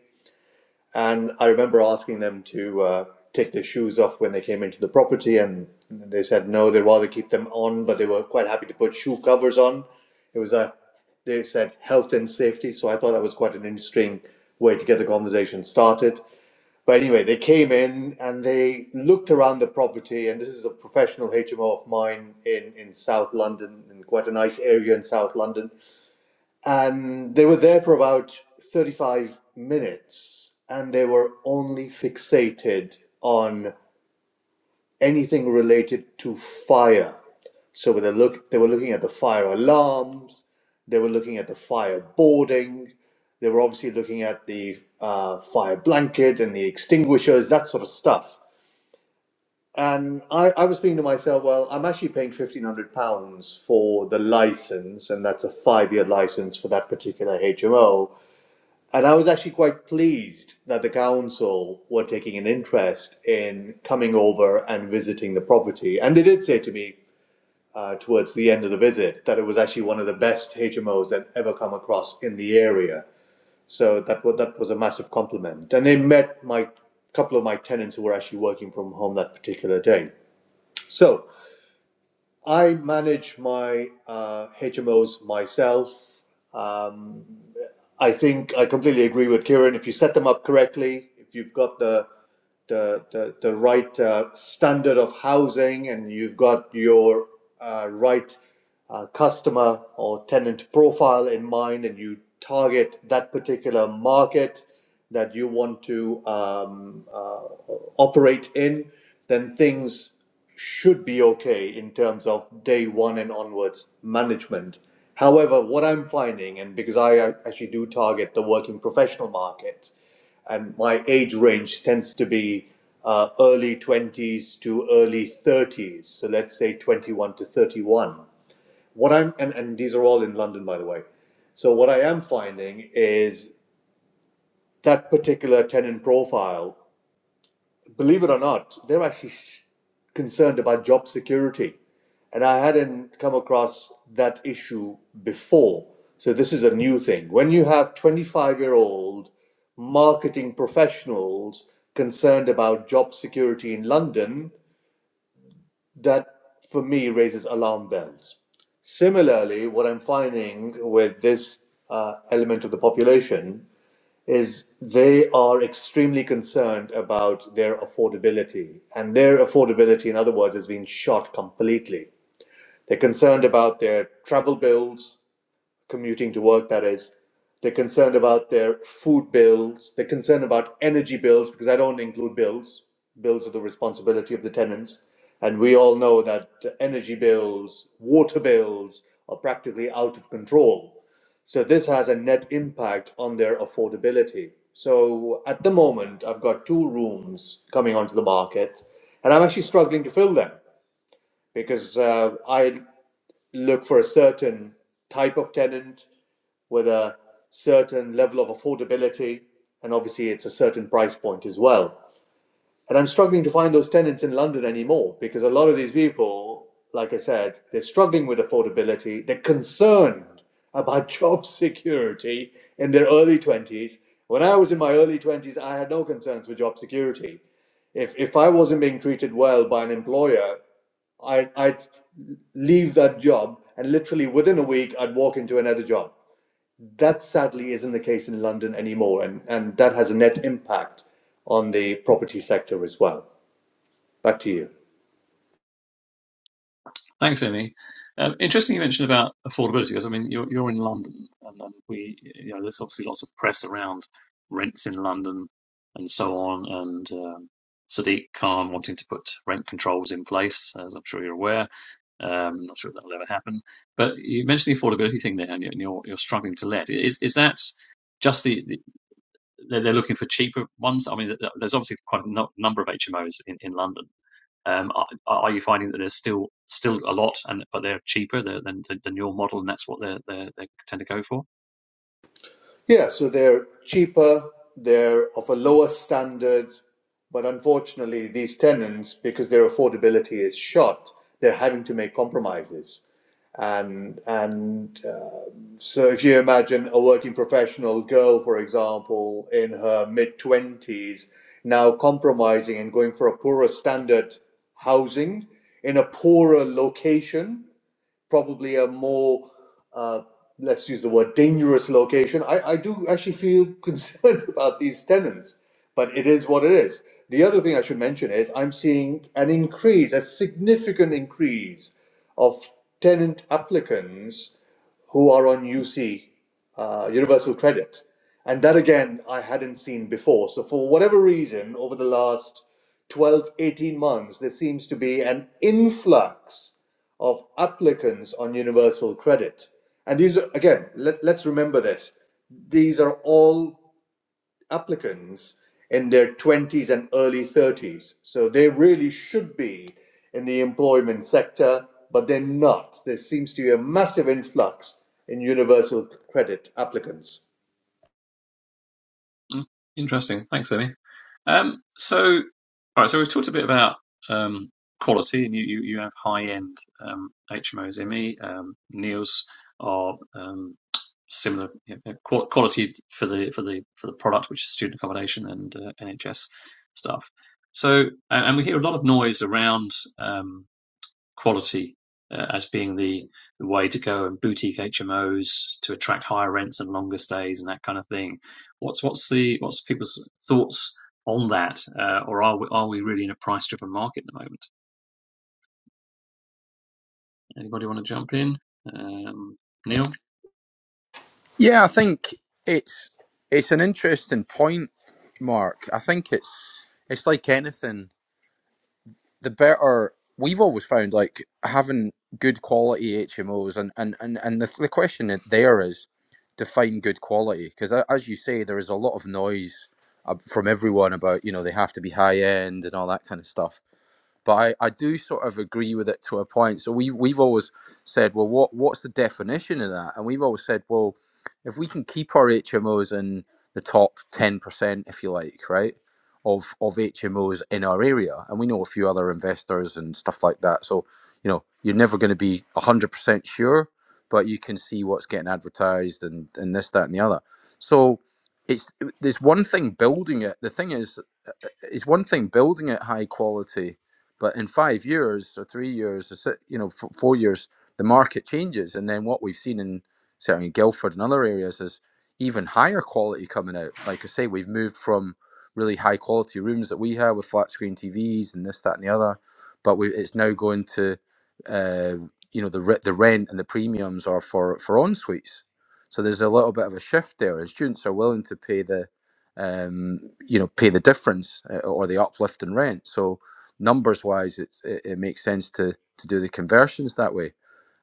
Speaker 9: And I remember asking them to uh, take their shoes off when they came into the property, and they said no, they'd rather keep them on, but they were quite happy to put shoe covers on. It was a, they said health and safety, so I thought that was quite an interesting way to get the conversation started. But anyway, they came in and they looked around the property, and this is a professional HMO of mine in, in South London, in quite a nice area in South London and they were there for about 35 minutes and they were only fixated on anything related to fire. So when they look, they were looking at the fire alarms, they were looking at the fire boarding, they were obviously looking at the uh, fire blanket and the extinguishers, that sort of stuff. And I, I was thinking to myself, well, I'm actually paying £1,500 for the license, and that's a five year license for that particular HMO and I was actually quite pleased that the council were taking an interest in coming over and visiting the property. And they did say to me uh, towards the end of the visit that it was actually one of the best HMOs that ever come across in the area. So that was, that was a massive compliment. And they met my couple of my tenants who were actually working from home that particular day. So I manage my uh, HMOs myself. Um, I think I completely agree with Kieran. If you set them up correctly, if you've got the the, the, the right uh, standard of housing and you've got your uh, right uh, customer or tenant profile in mind and you target that particular market that you want to um, uh, operate in, then things should be okay in terms of day one and onwards management. However, what I'm finding, and because I uh, actually do target the working professional market, and my age range tends to be uh, early 20s to early 30s so let's say 21 to 31 what i'm and, and these are all in london by the way so what i am finding is that particular tenant profile believe it or not, they're actually concerned about job security. And I hadn't come across that issue before. So this is a new thing. When you have 25 year old marketing professionals concerned about job security in London, that for me raises alarm bells. Similarly, what I'm finding with this uh, element of the population is they are extremely concerned about their affordability. And their affordability, in other words, has been shot completely. They're concerned about their travel bills, commuting to work, that is. They're concerned about their food bills. They're concerned about energy bills because I don't include bills. Bills are the responsibility of the tenants. And we all know that energy bills, water bills are practically out of control. So this has a net impact on their affordability. So at the moment, I've got two rooms coming onto the market, and I'm actually struggling to fill them because uh, I look for a certain type of tenant with a certain level of affordability, and obviously it's a certain price point as well. And I'm struggling to find those tenants in London anymore because a lot of these people, like I said, they're struggling with affordability, they're concerned about job security in their early 20s. When I was in my early 20s, I had no concerns for job security. If, if I wasn't being treated well by an employer, I, I'd leave that job and literally within a week I'd walk into another job. That sadly isn't the case in London anymore, and, and that has a net impact on the property sector as well. Back to you.
Speaker 1: Thanks, Amy. Um, interesting you mentioned about affordability because I mean you're you're in London and, and we you know there's obviously lots of press around rents in London and so on and um, Sadiq Khan wanting to put rent controls in place as I'm sure you're aware. Um, not sure if that'll ever happen. But you mentioned the affordability thing there and you're and you're, you're struggling to let. Is is that just the, the they're looking for cheaper ones? I mean there's obviously quite a no- number of HMOs in, in London. Um, are, are you finding that there's still still a lot, and but they're cheaper than than, than your model, and that's what they they tend to go for?
Speaker 9: Yeah, so they're cheaper, they're of a lower standard, but unfortunately, these tenants, because their affordability is shot, they're having to make compromises. And, and uh, So if you imagine a working professional girl, for example, in her mid 20s, now compromising and going for a poorer standard housing in a poorer location, probably a more, uh, let's use the word, dangerous location, I, I do actually feel concerned about these tenants, but it is what it is. The other thing I should mention is I'm seeing an increase, a significant increase of tenant applicants who are on UC, uh, Universal Credit. And that again, I hadn't seen before. So, for whatever reason, over the last 12, 18 months, there seems to be an influx of applicants on Universal Credit. And these are, again, let, let's remember this. These are all applicants in their 20s and early 30s. So they really should be in the employment sector, but they're not. There seems to be a massive influx in universal credit applicants.
Speaker 1: Mm, Interesting. Thanks, Emmy. Um, so, all right. So we've talked a bit about um, quality, and you you, you have high end um, HMOs, Emmy. Um, Neos are um, similar you know, quality for the for the for the product, which is student accommodation and uh, NHS stuff. So, and and we hear a lot of noise around. Um, quality uh, as being the, the way to go and boutique HMOs to attract higher rents and longer stays and that kind of thing. What's what's the what's people's thoughts on that, uh, or are we are we really in a price driven market at the moment? Anybody want to jump in? Um, Neil?
Speaker 7: Yeah, I think it's it's an interesting point, Mark. I think it's it's like anything. the better we've always found like having good quality HMOs and and and, and the, the question is- there is define good quality because as you say there is a lot of noise uh, from everyone about you know they have to be high end and all that kind of stuff but I, I do sort of agree with it to a point. So we've we've always said, well, what what's the definition of that? And we've always said, well, if we can keep our HMOs in the top ten percent, if you like, right, of of HMOs in our area, and we know a few other investors and stuff like that. So you know, you're never going to be a hundred percent sure, but you can see what's getting advertised and and this, that, and the other. So it's there's one thing building it. The thing is it's one thing building it high quality, but in five years or three years or si- you know f- four years, the market changes, and then what we've seen in certainly Guildford and other areas is even higher quality coming out. Like I say, we've moved from really high quality rooms that we have with flat screen TVs and this, that, and the other, but we, it's now going to uh, you know the re- the rent and the premiums are for for en suites. So there's a little bit of a shift there. As students are willing to pay the um, you know, pay the difference uh, or the uplift in rent. So numbers wise, it's, it, it makes sense to to do the conversions that way.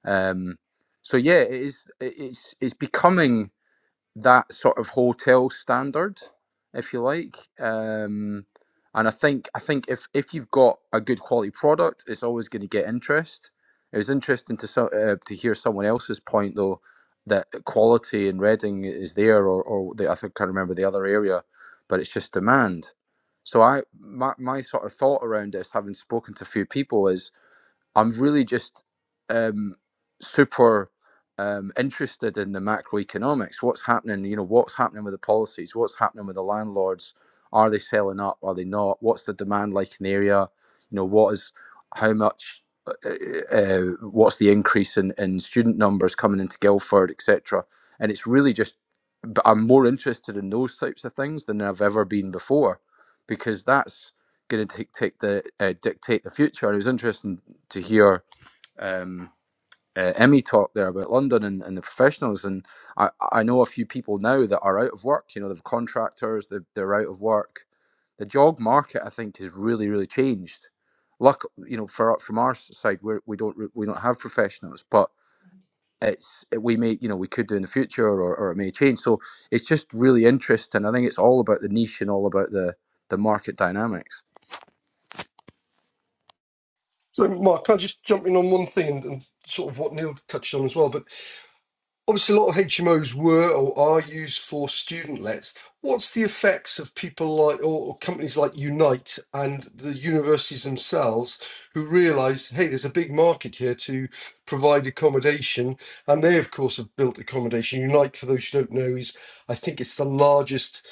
Speaker 7: Um, so yeah, it is. It's it's becoming that sort of hotel standard, if you like. Um, and I think I think if if you've got a good quality product, it's always going to get interest. It was interesting to so- uh, to hear someone else's point though that quality in Reading is there, or or the, I think I can't remember the other area, but it's just demand. So I my my sort of thought around this, having spoken to a few people, is I'm really just um, super um, interested in the macroeconomics. What's happening? You know, what's happening with the policies? What's happening with the landlords? Are they selling up? Are they not? What's the demand like in the area? You know, what is how much? Uh, uh, uh, what's the increase in, in student numbers coming into Guildford, etc. And it's really just, but I'm more interested in those types of things than I've ever been before, because that's going to dictate the uh, dictate the future. It was interesting to hear um, uh, Emmy talk there about London and, and the professionals, and I, I know a few people now that are out of work. You know, they've contractors, they're, they're out of work. The job market, I think, has really really changed. Luck, you know, for from our side, we're, we don't re- we don't have professionals, but it's it, we may you know we could do in the future, or, or it may change. So it's just really interesting. I think it's all about the niche and all about the the market dynamics.
Speaker 2: So, Mark, can I just jump in on one thing and, and sort of what Neil touched on as well? But Obviously, a lot of HMOs were or are used for student lets. What's the effects of people like or, or companies like Unite and the universities themselves who realise, hey, there's a big market here to provide accommodation, and they of course have built accommodation. Unite, for those who don't know, is I think it's the largest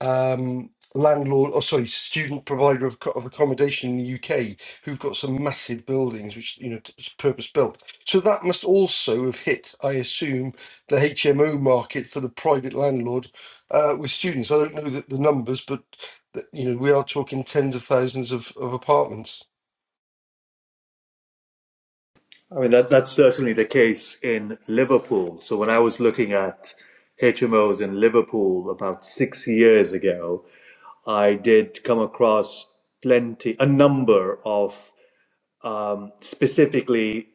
Speaker 2: um, landlord, or sorry, student provider of, co- of accommodation in the UK, who've got some massive buildings, which you know, t- it's purpose built. So that must also have hit, I assume the HMO market for the private landlord uh, with students. I don't know the, the numbers, but th- you know we are talking tens of thousands of, of apartments.
Speaker 9: I mean, that, that's certainly the case in Liverpool. So when I was looking at HMOs in Liverpool about six years ago, I did come across plenty, a number of um, specifically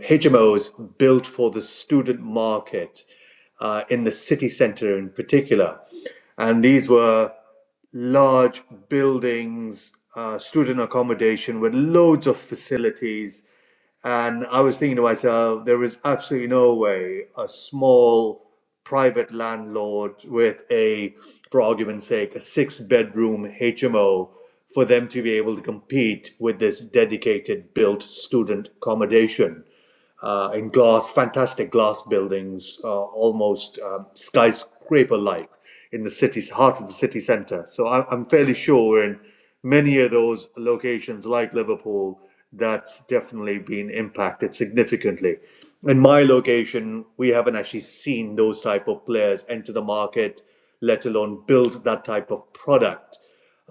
Speaker 9: HMOs built for the student market uh, in the city centre in particular. And these were large buildings, uh, student accommodation with loads of facilities. And I was thinking to myself, there is absolutely no way a small private landlord with a, for argument's sake, a six bedroom HMO for them to be able to compete with this dedicated built student accommodation uh, in glass, fantastic glass buildings, uh, almost um, skyscraper-like in the city's heart of the city centre. So I, I'm fairly sure we're in many of those locations, like Liverpool, that's definitely been impacted significantly. In my location, we haven't actually seen those type of players enter the market, let alone build that type of product.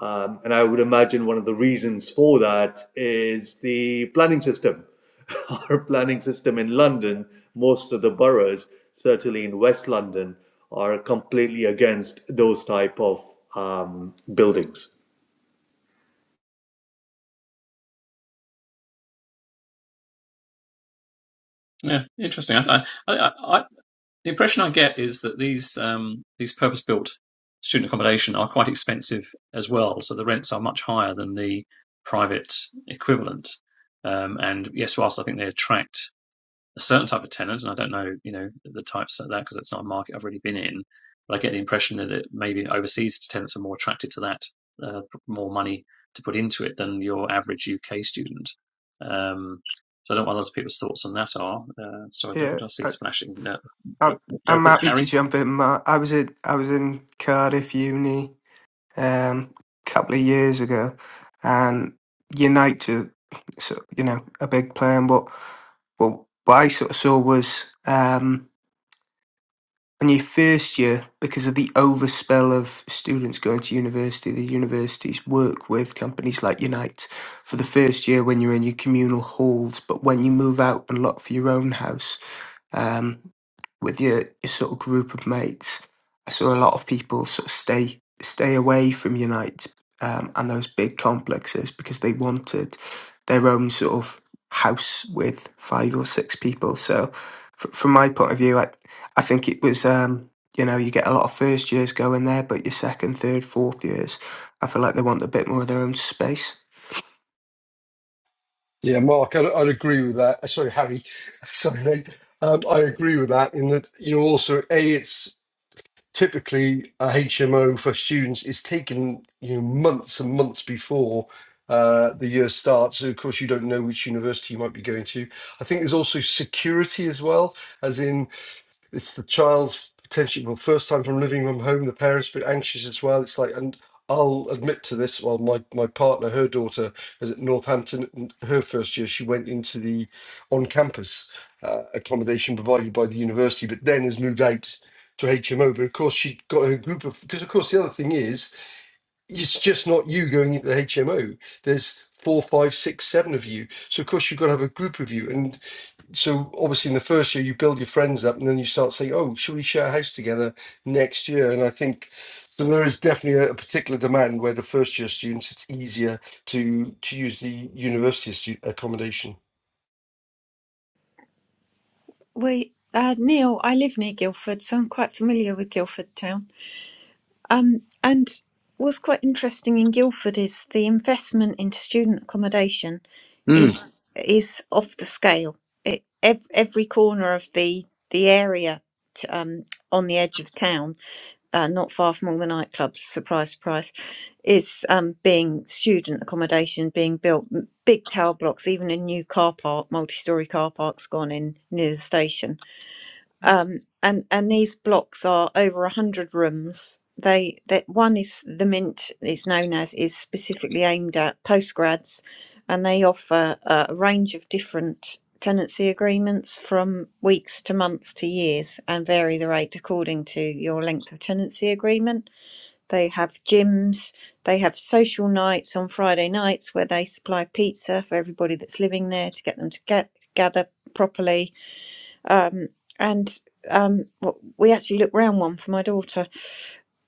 Speaker 9: Um, and I would imagine one of the reasons for that is the planning system. Our planning system in London, most of the boroughs, certainly in West London, are completely against those type of um, buildings.
Speaker 1: Yeah, interesting. I, I, I, the impression I get is that these um, these purpose built student accommodation are quite expensive as well. So the rents are much higher than the private equivalent. Um, and yes, whilst I think they attract a certain type of tenant, and I don't know, you know, the types of that because it's not a market I've really been in. But I get the impression that maybe overseas tenants are more attracted to that, uh, more money to put into it than your average UK student. Um, so I don't know what other people's thoughts on that are. Uh, so I don't, who
Speaker 5: Yeah,
Speaker 1: do I see
Speaker 5: I,
Speaker 1: splashing? No,
Speaker 5: I,
Speaker 1: go
Speaker 5: I'm
Speaker 1: for it,
Speaker 5: happy to
Speaker 1: Harry.
Speaker 5: jump in, Matt. I was in, I was in Cardiff Uni um, a couple of years ago, and Unite, are so you know, a big player. And what, what, what I sort of saw was um, in your first year, because of the overspill of students going to university, the universities work with companies like Unite for the first year when you're in your communal halls, but when you move out and look for your own house um, with your, your sort of group of mates. I saw a lot of people sort of stay stay away from Unite um, and those big complexes because they wanted their own sort of house with five or six people. So, f- from my point of view, I I think it was um, you know you get a lot of first years going there, but your second, third, fourth years, I feel like they want a bit more of their own space.
Speaker 2: Yeah, Mark, I'd, I'd agree with that. Uh, Sorry, Harry. Sorry, mate. Um, I agree with that in that, you know, also, A, it's typically a HMO for students. It's taken, you know, months and months before uh, the year starts. So, of course, you don't know which university you might be going to. I think there's also security as well, as in it's the child's potentially well first time from living from home the parents a bit anxious as well it's like and i'll admit to this well my my partner her daughter is at northampton and her first year she went into the on campus uh, accommodation provided by the university but then has moved out to hmo but of course she got her group of because of course the other thing is it's just not you going into the HMO. There's four, five, six, seven of you. So of course you've got to have a group of you. And so obviously in the first year you build your friends up and then you start saying, Oh, should we share a house together next year? And I think so there is definitely a, a particular demand where the first year students it's easier to to use the university stu- accommodation.
Speaker 3: We, uh, Neil, I live near Guildford, so I'm quite familiar with Guildford town. Um, and what's quite interesting in Guildford is the investment into student accommodation
Speaker 7: Mm,
Speaker 3: is is off the scale. It, ev- every corner of the the area t- um, on the edge of town, uh, not far from all the nightclubs, surprise, surprise, is um, being student accommodation being built. M- Big tower blocks, even a new car park, multi-storey car park's gone in near the station um, and and these blocks are over a hundred rooms. They that one is the Mint is known as is specifically aimed at postgrads, and they offer uh, a range of different tenancy agreements from weeks to months to years, and vary the rate according to your length of tenancy agreement. They have gyms. They have social nights on Friday nights where they supply pizza for everybody that's living there to get them to get gather properly um, and um, we actually looked round one for my daughter,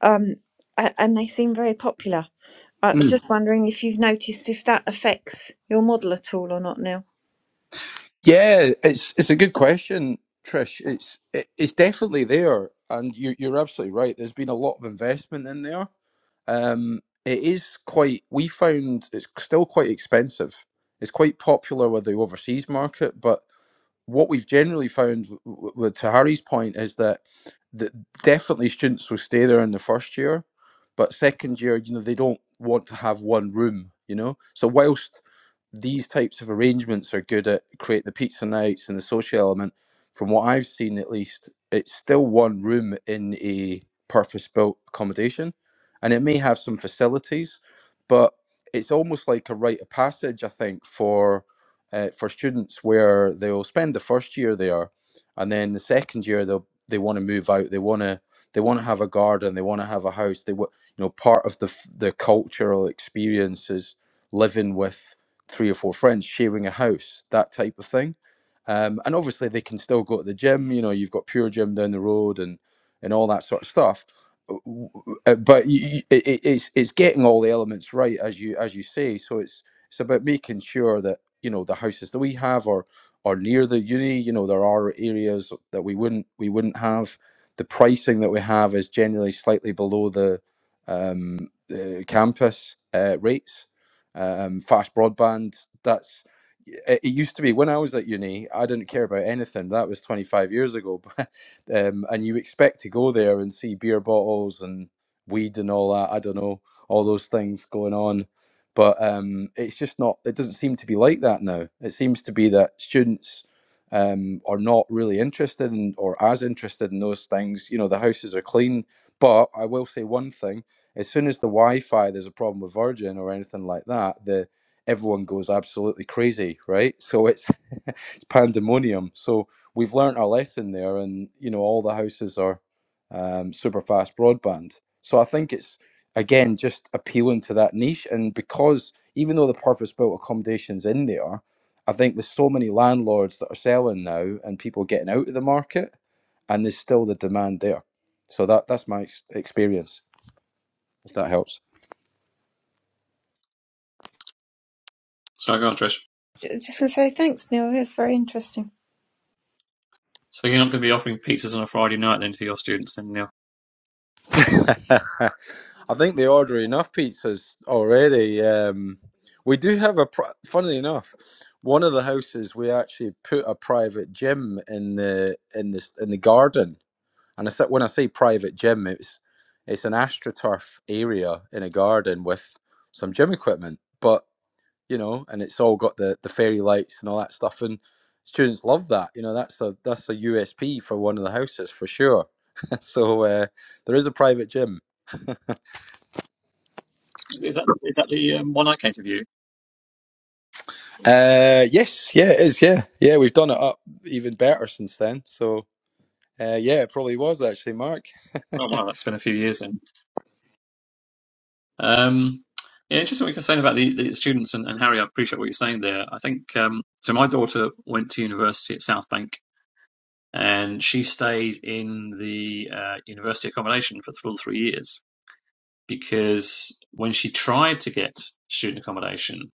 Speaker 3: um, a- and they seem very popular. I was
Speaker 7: mm.
Speaker 3: just wondering if you've noticed if that affects your model at all or not, Neil.
Speaker 7: Yeah, it's it's a good question, Trish. It's it, it's definitely there, and you you're absolutely right. There's been a lot of investment in there. Um, it is quite. We found it's still quite expensive. It's quite popular with the overseas market, but what we've generally found w- w- with to Harry's point is that that definitely students will stay there in the first year, but second year, you know, they don't want to have one room, you know. So whilst these types of arrangements are good at create the pizza nights and the social element, from what I've seen at least, it's still one room in a purpose built accommodation. And it may have some facilities, but it's almost like a rite of passage, I think, for uh, for students where they'll spend the first year there, and then the second year they'll they want to move out. They want to they want to have a garden. They want to have a house. They wa- you know part of the f- the cultural experience is living with three or four friends, sharing a house, that type of thing. Um, and obviously they can still go to the gym. You know, you've got Pure Gym down the road and and all that sort of stuff. Uh, w- w- uh, But you, you- it, it- it's it's getting all the elements right as you as you say. So it's it's about making sure that you know the houses that we have or or near the uni you know there are areas that we wouldn't we wouldn't have the pricing that we have is generally slightly below the um the campus uh, rates um fast broadband that's it it used to be when I was at uni, I didn't care about anything. That was 25 years ago. um, and you expect to go there and see beer bottles and weed and all that. I don't know, all those things going on but um, it's just not it doesn't seem to be like that now it seems to be that students um, are not really interested in or as interested in those things you know the houses are clean but i will say one thing as soon as the wi-fi there's a problem with virgin or anything like that the everyone goes absolutely crazy right so it's it's pandemonium so we've learnt our lesson there and you know all the houses are um, super fast broadband so i think it's again just appealing to that niche and because even though the purpose built accommodations in there i think there's so many landlords that are selling now and people getting out of the market and there's still the demand there so that that's my ex- experience if that helps
Speaker 1: Sorry, go on, Trish.
Speaker 3: So, so thanks, Neil. Very interesting.
Speaker 1: So you're not going to be offering pizzas on a Friday night then for your students, then, Neil?
Speaker 7: i think they order enough pizzas already um we do have a pri- funnily enough one of the houses we actually put a private gym in the in the in the garden And I said, when I say private gym, it's it's an astroturf area in a garden with some gym equipment. But you know, and it's all got the the fairy lights and all that stuff, and students love that. You know, that's a that's a USP for one of the houses for sure. so uh, there is a private gym.
Speaker 1: Is that is that the um, one I came to view?
Speaker 7: Uh, yes, yeah, it is. Yeah, yeah, we've done it up even better since then. So uh, yeah, it probably was actually Mark
Speaker 1: Oh wow, that's been a few years then. Um, yeah, interesting what you're saying about the, the students and, and Harry. I appreciate what you're saying there. I think um, so. My daughter went to university at South Bank, and she stayed in the uh, university accommodation for the full three years because when she tried to get student accommodation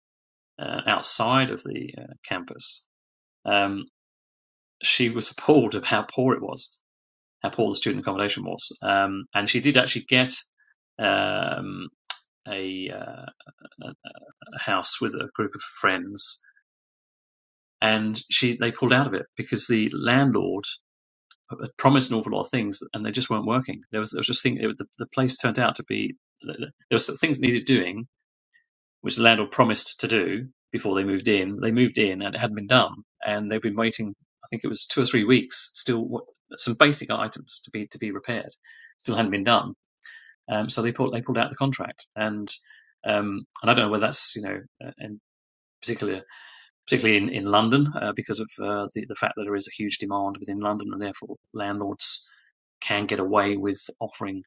Speaker 1: uh, outside of the uh, campus, um, she was appalled at how poor it was, how poor the student accommodation was. Um, and she did actually get um, a, uh, house with a group of friends, and she they pulled out of it because the landlord had promised an awful lot of things, and they just weren't working. There was there was just thing it, the, the place turned out to be there was things that needed doing, which the landlord promised to do before they moved in. They moved in, and it hadn't been done, and they've been waiting. I think it was two or three weeks still. What, some basic items to be to be repaired still hadn't been done. Um, so they pulled they pulled out the contract, and um, and I don't know whether that's you know uh, in particular particularly in, in London, uh, because of uh, the, the fact that there is a huge demand within London, and therefore landlords can get away with offering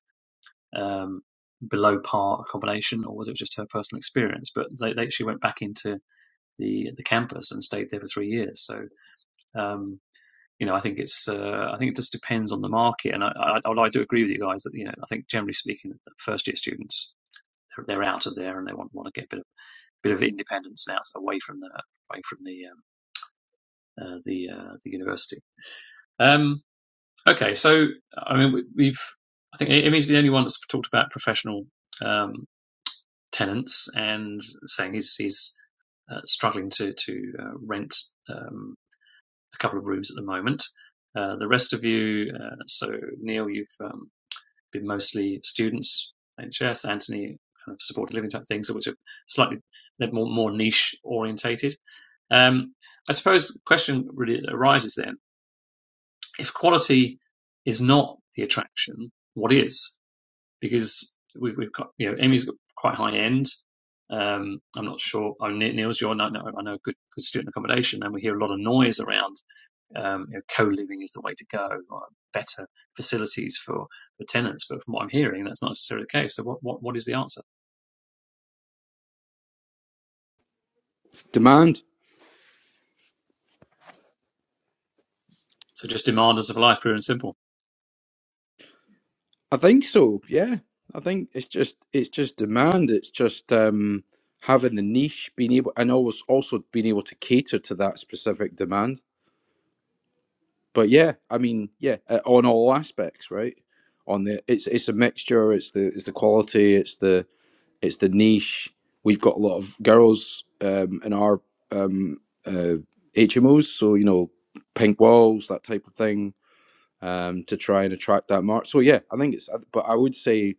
Speaker 1: um, below par accommodation, or was it just her personal experience? But they, they actually went back into the the campus and stayed there for three years. So um, you know, I think it's uh, I think it just depends on the market, and I, I I do agree with you guys that you know I think generally speaking, the first year students they're, they're out of there and they want want to get a bit of bit of independence now so away from the away from the um, uh, the uh, the university. Um, okay, so I mean we, we've I think Emmy's the only one that's talked about professional um, tenants and saying he's he's uh, struggling to to uh, rent um, a couple of rooms at the moment. Uh, the rest of you, uh, so Neil, you've um, been mostly students, NHS, Anthony, kind of supported living type things, which are slightly they're more more niche orientated. Um, I suppose the question really arises then if quality is not the attraction, what is? Because we've, we've got, you know, Amy's got quite high end. Um, I'm not sure. Oh, Ne- Neil's your, I know, I know good, good student accommodation, and we hear a lot of noise around um, you know, co-living is the way to go, or better facilities for, for tenants. But from what I'm hearing, that's not necessarily the case. So what, what, what is the answer?
Speaker 7: demand.
Speaker 1: So just demand us of life, pure and simple.
Speaker 7: I think so. Yeah, I think it's just it's just demand. It's just um, having the niche, being able, and always also being able to cater to that specific demand. But yeah, I mean, yeah, uh, on all aspects, right? On the it's it's a mixture. It's the it's the quality. It's the it's the niche. We've got a lot of girls um, in our um, uh, HMOs, so you know, pink walls, that type of thing um, to try and attract that market. So yeah, I think it's. But I would say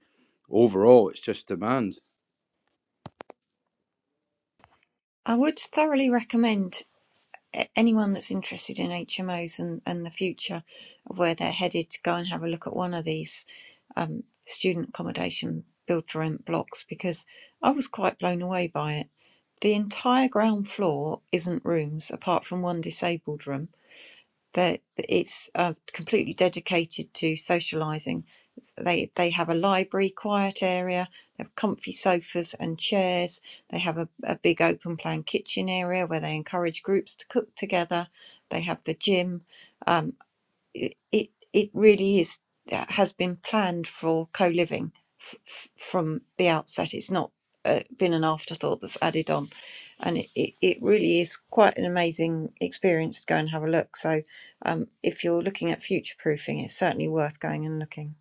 Speaker 7: overall, it's just demand.
Speaker 3: I would thoroughly recommend. a- anyone that's interested in HMOs and, and the future of where they're headed to go and have a look at one of these um, student accommodation build to rent blocks because I was quite blown away by it. The entire ground floor isn't rooms apart from one disabled room that it's uh, completely dedicated to socializing. It's- They they have a library, quiet area. They have comfy sofas and chairs. They have a, a big open plan kitchen area where they encourage groups to cook together. They have the gym. um, it it it really is uh, has been planned for co-living f- f- from the outset it's not uh, been an afterthought that's added on and it, it, it really is quite an amazing experience to go and have a look so um, if you're looking at future proofing it's certainly worth going and looking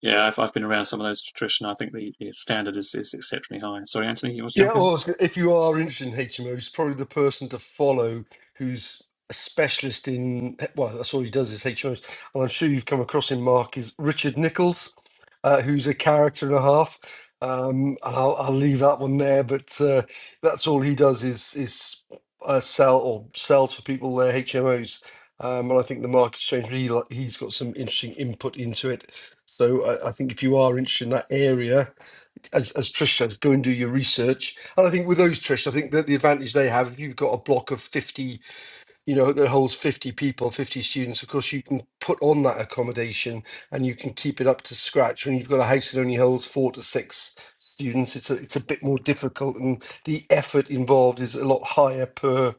Speaker 1: Yeah, I've, I've been around some of those, Trish, and I think the, the standard is, is exceptionally high. Sorry, Anthony, you want to
Speaker 2: Yeah,
Speaker 1: jump in?
Speaker 2: well, I was gonna- if you are interested in HMOs, he's probably the person to follow who's a specialist in, eh, well, that's all he does is HMOs. And I'm sure you've come across him, Mark, is Richard Nichols, uh, who's a character and a half. Um, and I'll, I'll leave that one there, but uh, that's all he does is is uh, sell or sells for people their HMOs. Um, and I think the market's changed. but He, li- he's got some interesting input into it. So I, I think if you are interested in that area, as as Trish says, go and do your research. And I think with those Trish, I think that the advantage they have, if you've got a block of fifty, you know, that holds fifty people, fifty students, of course you can put on that accommodation and you can keep it up to scratch. When you've got a house that only holds four to six students, it's a it's a bit more difficult and the effort involved is a lot higher per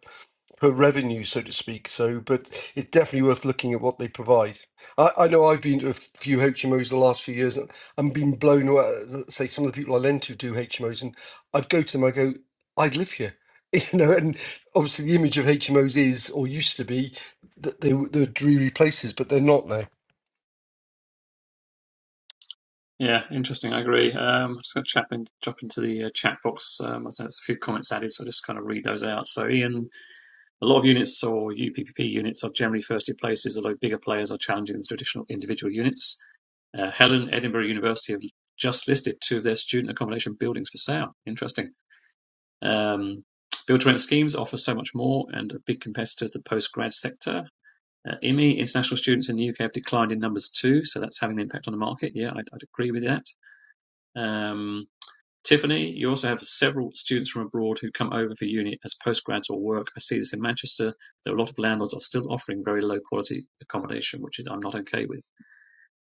Speaker 2: per revenue, so to speak. So, but it's definitely worth looking at what they provide. I, I know I've been to a few HMOs the last few years, and I'm being blown away. uh, Say some of the people I lend to do HMOs, and I'd go to them, I go, I'd live here. You know, and obviously the image of HMOs is, or used to be, that they were they're dreary places, but they're not now.
Speaker 1: Yeah, interesting. I agree. Um, I'm just going to chap in, drop into the uh, chat box. Um, I think there's a few comments added, so I'll just kind of read those out. So, Ian, a lot of units or UPPP units are generally first year places, although bigger players are challenging the traditional individual units. Uh, Helen, Edinburgh University have just listed two of their student accommodation buildings for sale. Interesting. Um, Build to rent schemes offer so much more and a big competitor to the post grad sector. Uh, IMI, international students in the UK have declined in numbers too, so that's having an impact on the market. Yeah, I'd, I'd agree with that. Um, Tiffany, you also have several students from abroad who come over for uni as postgrads or work. I see this in Manchester, that a lot of landlords are still offering very low quality accommodation, which I'm not okay with.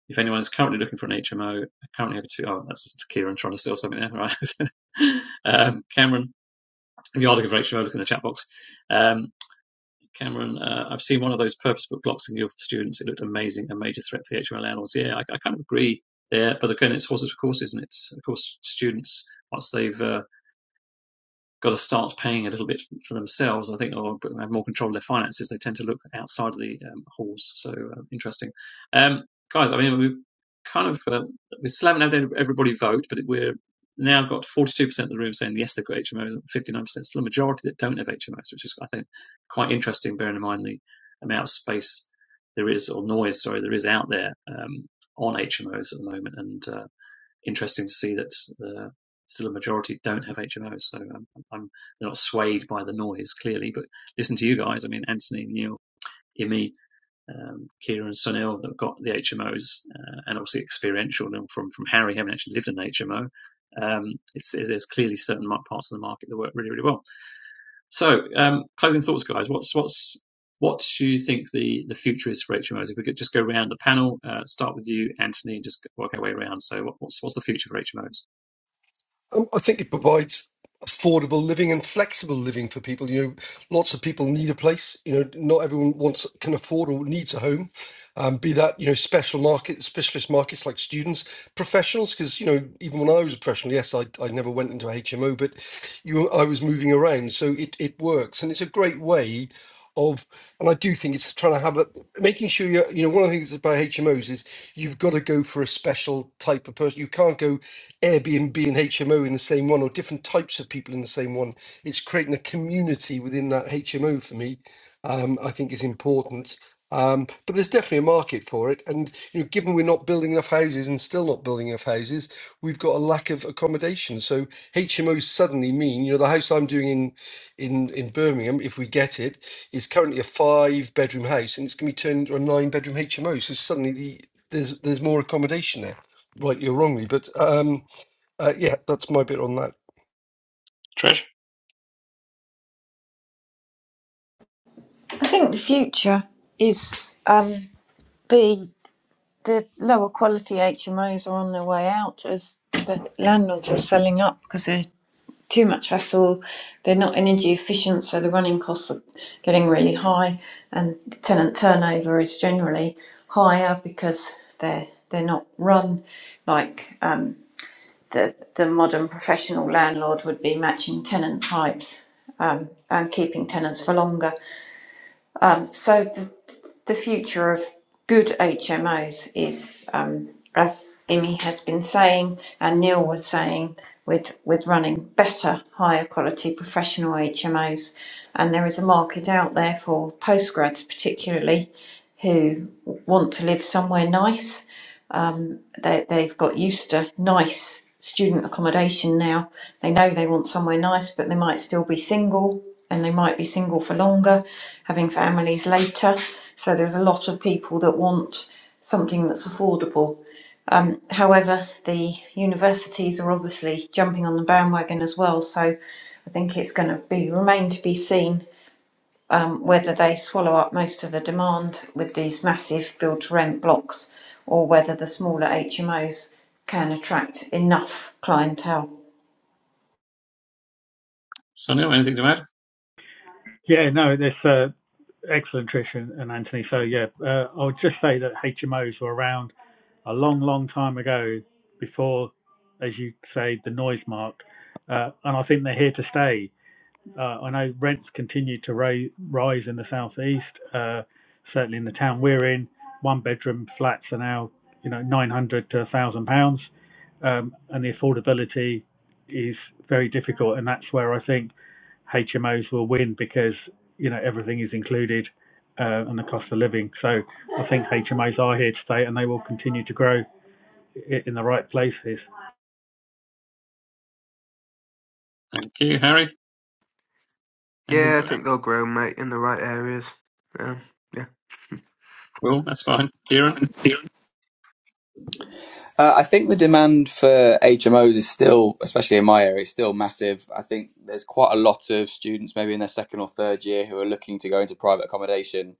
Speaker 1: If anyone is currently looking for an HMO, currently have two. Oh, that's Kieran trying to steal something there, right? um, Cameron, if you are looking for HMO, look in the chat box. Um, Cameron, uh, I've seen one of those purpose book blocks in Guild for Students. It looked amazing, a major threat for the HMO landlords. Yeah, I, I kind of agree there, but again, it's horses for courses, and it's, of course, students, once they've uh, got to start paying a little bit for themselves. I think or oh, have more control of their finances. They tend to look outside of the um, halls. So uh, interesting, um, guys. I mean, we kind of uh, we're slamming out everybody vote, but we're now got 42% of the room saying yes, they've got HMOs, and 59% still a majority that don't have HMOs, which is I think quite interesting, bearing in mind the amount of space there is or noise, sorry, there is out there um, on HMOs at the moment. And uh, interesting to see that uh, still a majority don't have HMOs. So um, I'm they're not swayed by the noise clearly, but listen to you guys. I mean, Anthony, Neil, Imi, um, Kira, and Sunil that got the HMOs, uh, and obviously experiential and from from Harry having actually lived in an HMO. Um, it's, there's clearly certain parts of the market that work really, really well. So, um, closing thoughts, guys. What's what's what do you think the, the future is for HMOs? If we could just go around the panel, uh, start with you, Anthony, and just work our way around. So, what, what's what's the future for HMOs?
Speaker 2: Um, I think it provides affordable living and flexible living for people. You know, lots of people need a place. You know, not everyone wants can afford or needs a home um, be that you know special market specialist markets like students professionals because you know even when i was a professional yes i, I never went into a hmo but you i was moving around so it, it works and it's a great way of and i do think it's trying to have a making sure you you know one of the things about hmos is you've got to go for a special type of person you can't go airbnb and hmo in the same one or different types of people in the same one it's creating a community within that hmo for me um, i think is important um, but there's definitely a market for it, and you know, given we're not building enough houses and still not building enough houses, we've got a lack of accommodation. So HMOs suddenly mean, you know, the house I'm doing in in in Birmingham, if we get it, is currently a five bedroom house, and it's going to be turned into a nine bedroom HMO. So suddenly the there's there's more accommodation there, rightly or wrongly. But um, uh, yeah, that's my bit on that.
Speaker 1: Trish,
Speaker 3: I think the future is um, the the lower quality HMOs are on their way out as the landlords are selling up because they. too much hassle. They're not energy efficient, so the running costs are getting really high, and the tenant turnover is generally higher because they're they're not run like um, the the modern professional landlord would be matching tenant types um, and keeping tenants for longer. Um, so the, the future of good HMOs is, um, as Imi has been saying and Neil was saying, with, with running better, higher quality professional HMOs. And there is a market out there for postgrads, particularly, who want to live somewhere nice um, they, they've got used to nice student accommodation now. They know they want somewhere nice, but they might still be single and they might be single for longer, having families later. So there's a lot of people that want something that's affordable. Um, however, the universities are obviously jumping on the bandwagon as well. So I think it's going to be remain to be seen um, whether they swallow up most of the demand with these massive build to rent blocks or whether the smaller HMOs can attract enough clientele.
Speaker 1: Sunil, anything to add?
Speaker 4: Yeah, no, this uh, Excellent, Trish and, Anthony. So, yeah, uh, I would just say that HMOs were around a long, long time ago before, as you say, the noise mark. Uh, and I think they're here to stay. Uh, I know rents continue to ra- rise in the southeast, uh, certainly in the town we're in. One bedroom flats are now, you know, 900 to 1,000 pounds, um, and the affordability is very difficult. And that's where I think HMOs will win because you know everything is included uh, and the cost of living. So I think HMOs are here to stay and they will continue to grow i- in the right places.
Speaker 1: Thank you, Harry. Anything
Speaker 5: Yeah,
Speaker 1: to
Speaker 5: I
Speaker 1: add?
Speaker 5: think they'll grow, mate, in the right areas. Um,
Speaker 1: Will, that's fine. Kieran
Speaker 5: yeah.
Speaker 8: Uh, I think the demand for HMOs is still, especially in my area, is still massive. I think there's quite a lot of students, maybe in their second or third year, who are looking to go into private accommodation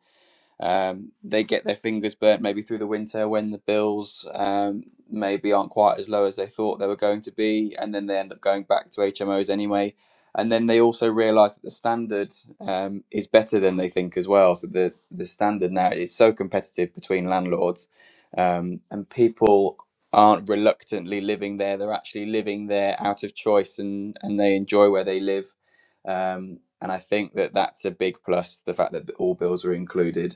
Speaker 8: um, they get their fingers burnt maybe through the winter when the bills um, maybe aren't quite as low as they thought they were going to be, and then they end up going back to HMOs anyway. And then they also realise that the standard um, is better than they think as well. So the the standard now is so competitive between landlords, um, and people aren't reluctantly living there. They're actually living there out of choice, and and they enjoy where they live. Um, and I think that that's a big plus. The fact that all bills are included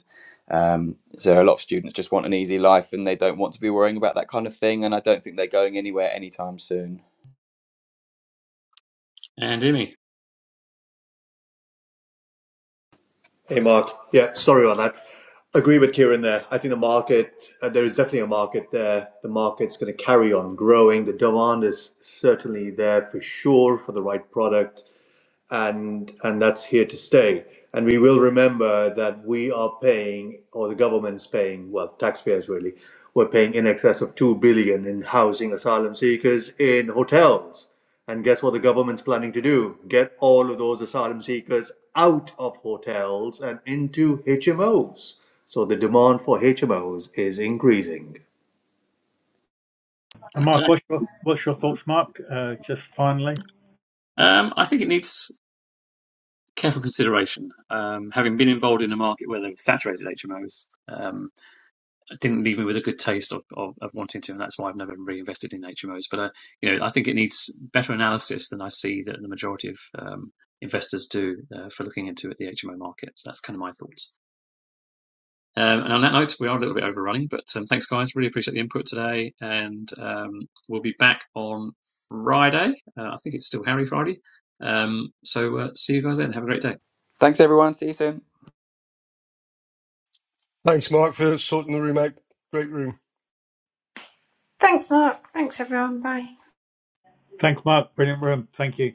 Speaker 8: um, so a lot of students just want an easy life and they don't want to be worrying about that kind of thing. And I don't think they're going anywhere anytime soon.
Speaker 1: and Imi.
Speaker 9: Hey, Mark. Yeah, sorry about that. Agree with Kieran there. I think the market, uh, there is definitely a market there. The market's going to carry on growing. The demand is certainly there for sure for the right product and and that's here to stay. And we will remember that we are paying, or the government's paying, well, taxpayers really, we're paying in excess of two billion in housing asylum seekers in hotels. And guess what the government's planning to do? Get all of those asylum seekers out of hotels and into HMOs. So the demand for HMOs is increasing.
Speaker 4: And Mark,
Speaker 1: Okay.
Speaker 4: what's your, what's your thoughts, Mark? Uh, just finally,
Speaker 1: Um, I think it needs. careful consideration. Um, having been involved in a market where there were saturated HMOs, um, it didn't leave me with a good taste of, of, of wanting to, and that's why I've never reinvested in HMOs. But uh, you know, I think it needs better analysis than I see that the majority of um, investors do uh, for looking into at the HMO market. So that's kind of my thoughts. Um, and on that note, we are a little bit overrunning, but um, thanks, guys. Really appreciate the input today, and um, we'll be back on Friday. Uh, I think it's still Harry Friday. Um, so uh, see you guys then. Have a great day.
Speaker 8: Thanks, everyone. See you soon.
Speaker 2: Thanks, Mark, for sorting the room out. Great room.
Speaker 3: Thanks, Mark. Thanks, everyone. Bye.
Speaker 4: thanks, Mark. Brilliant room. Thank you.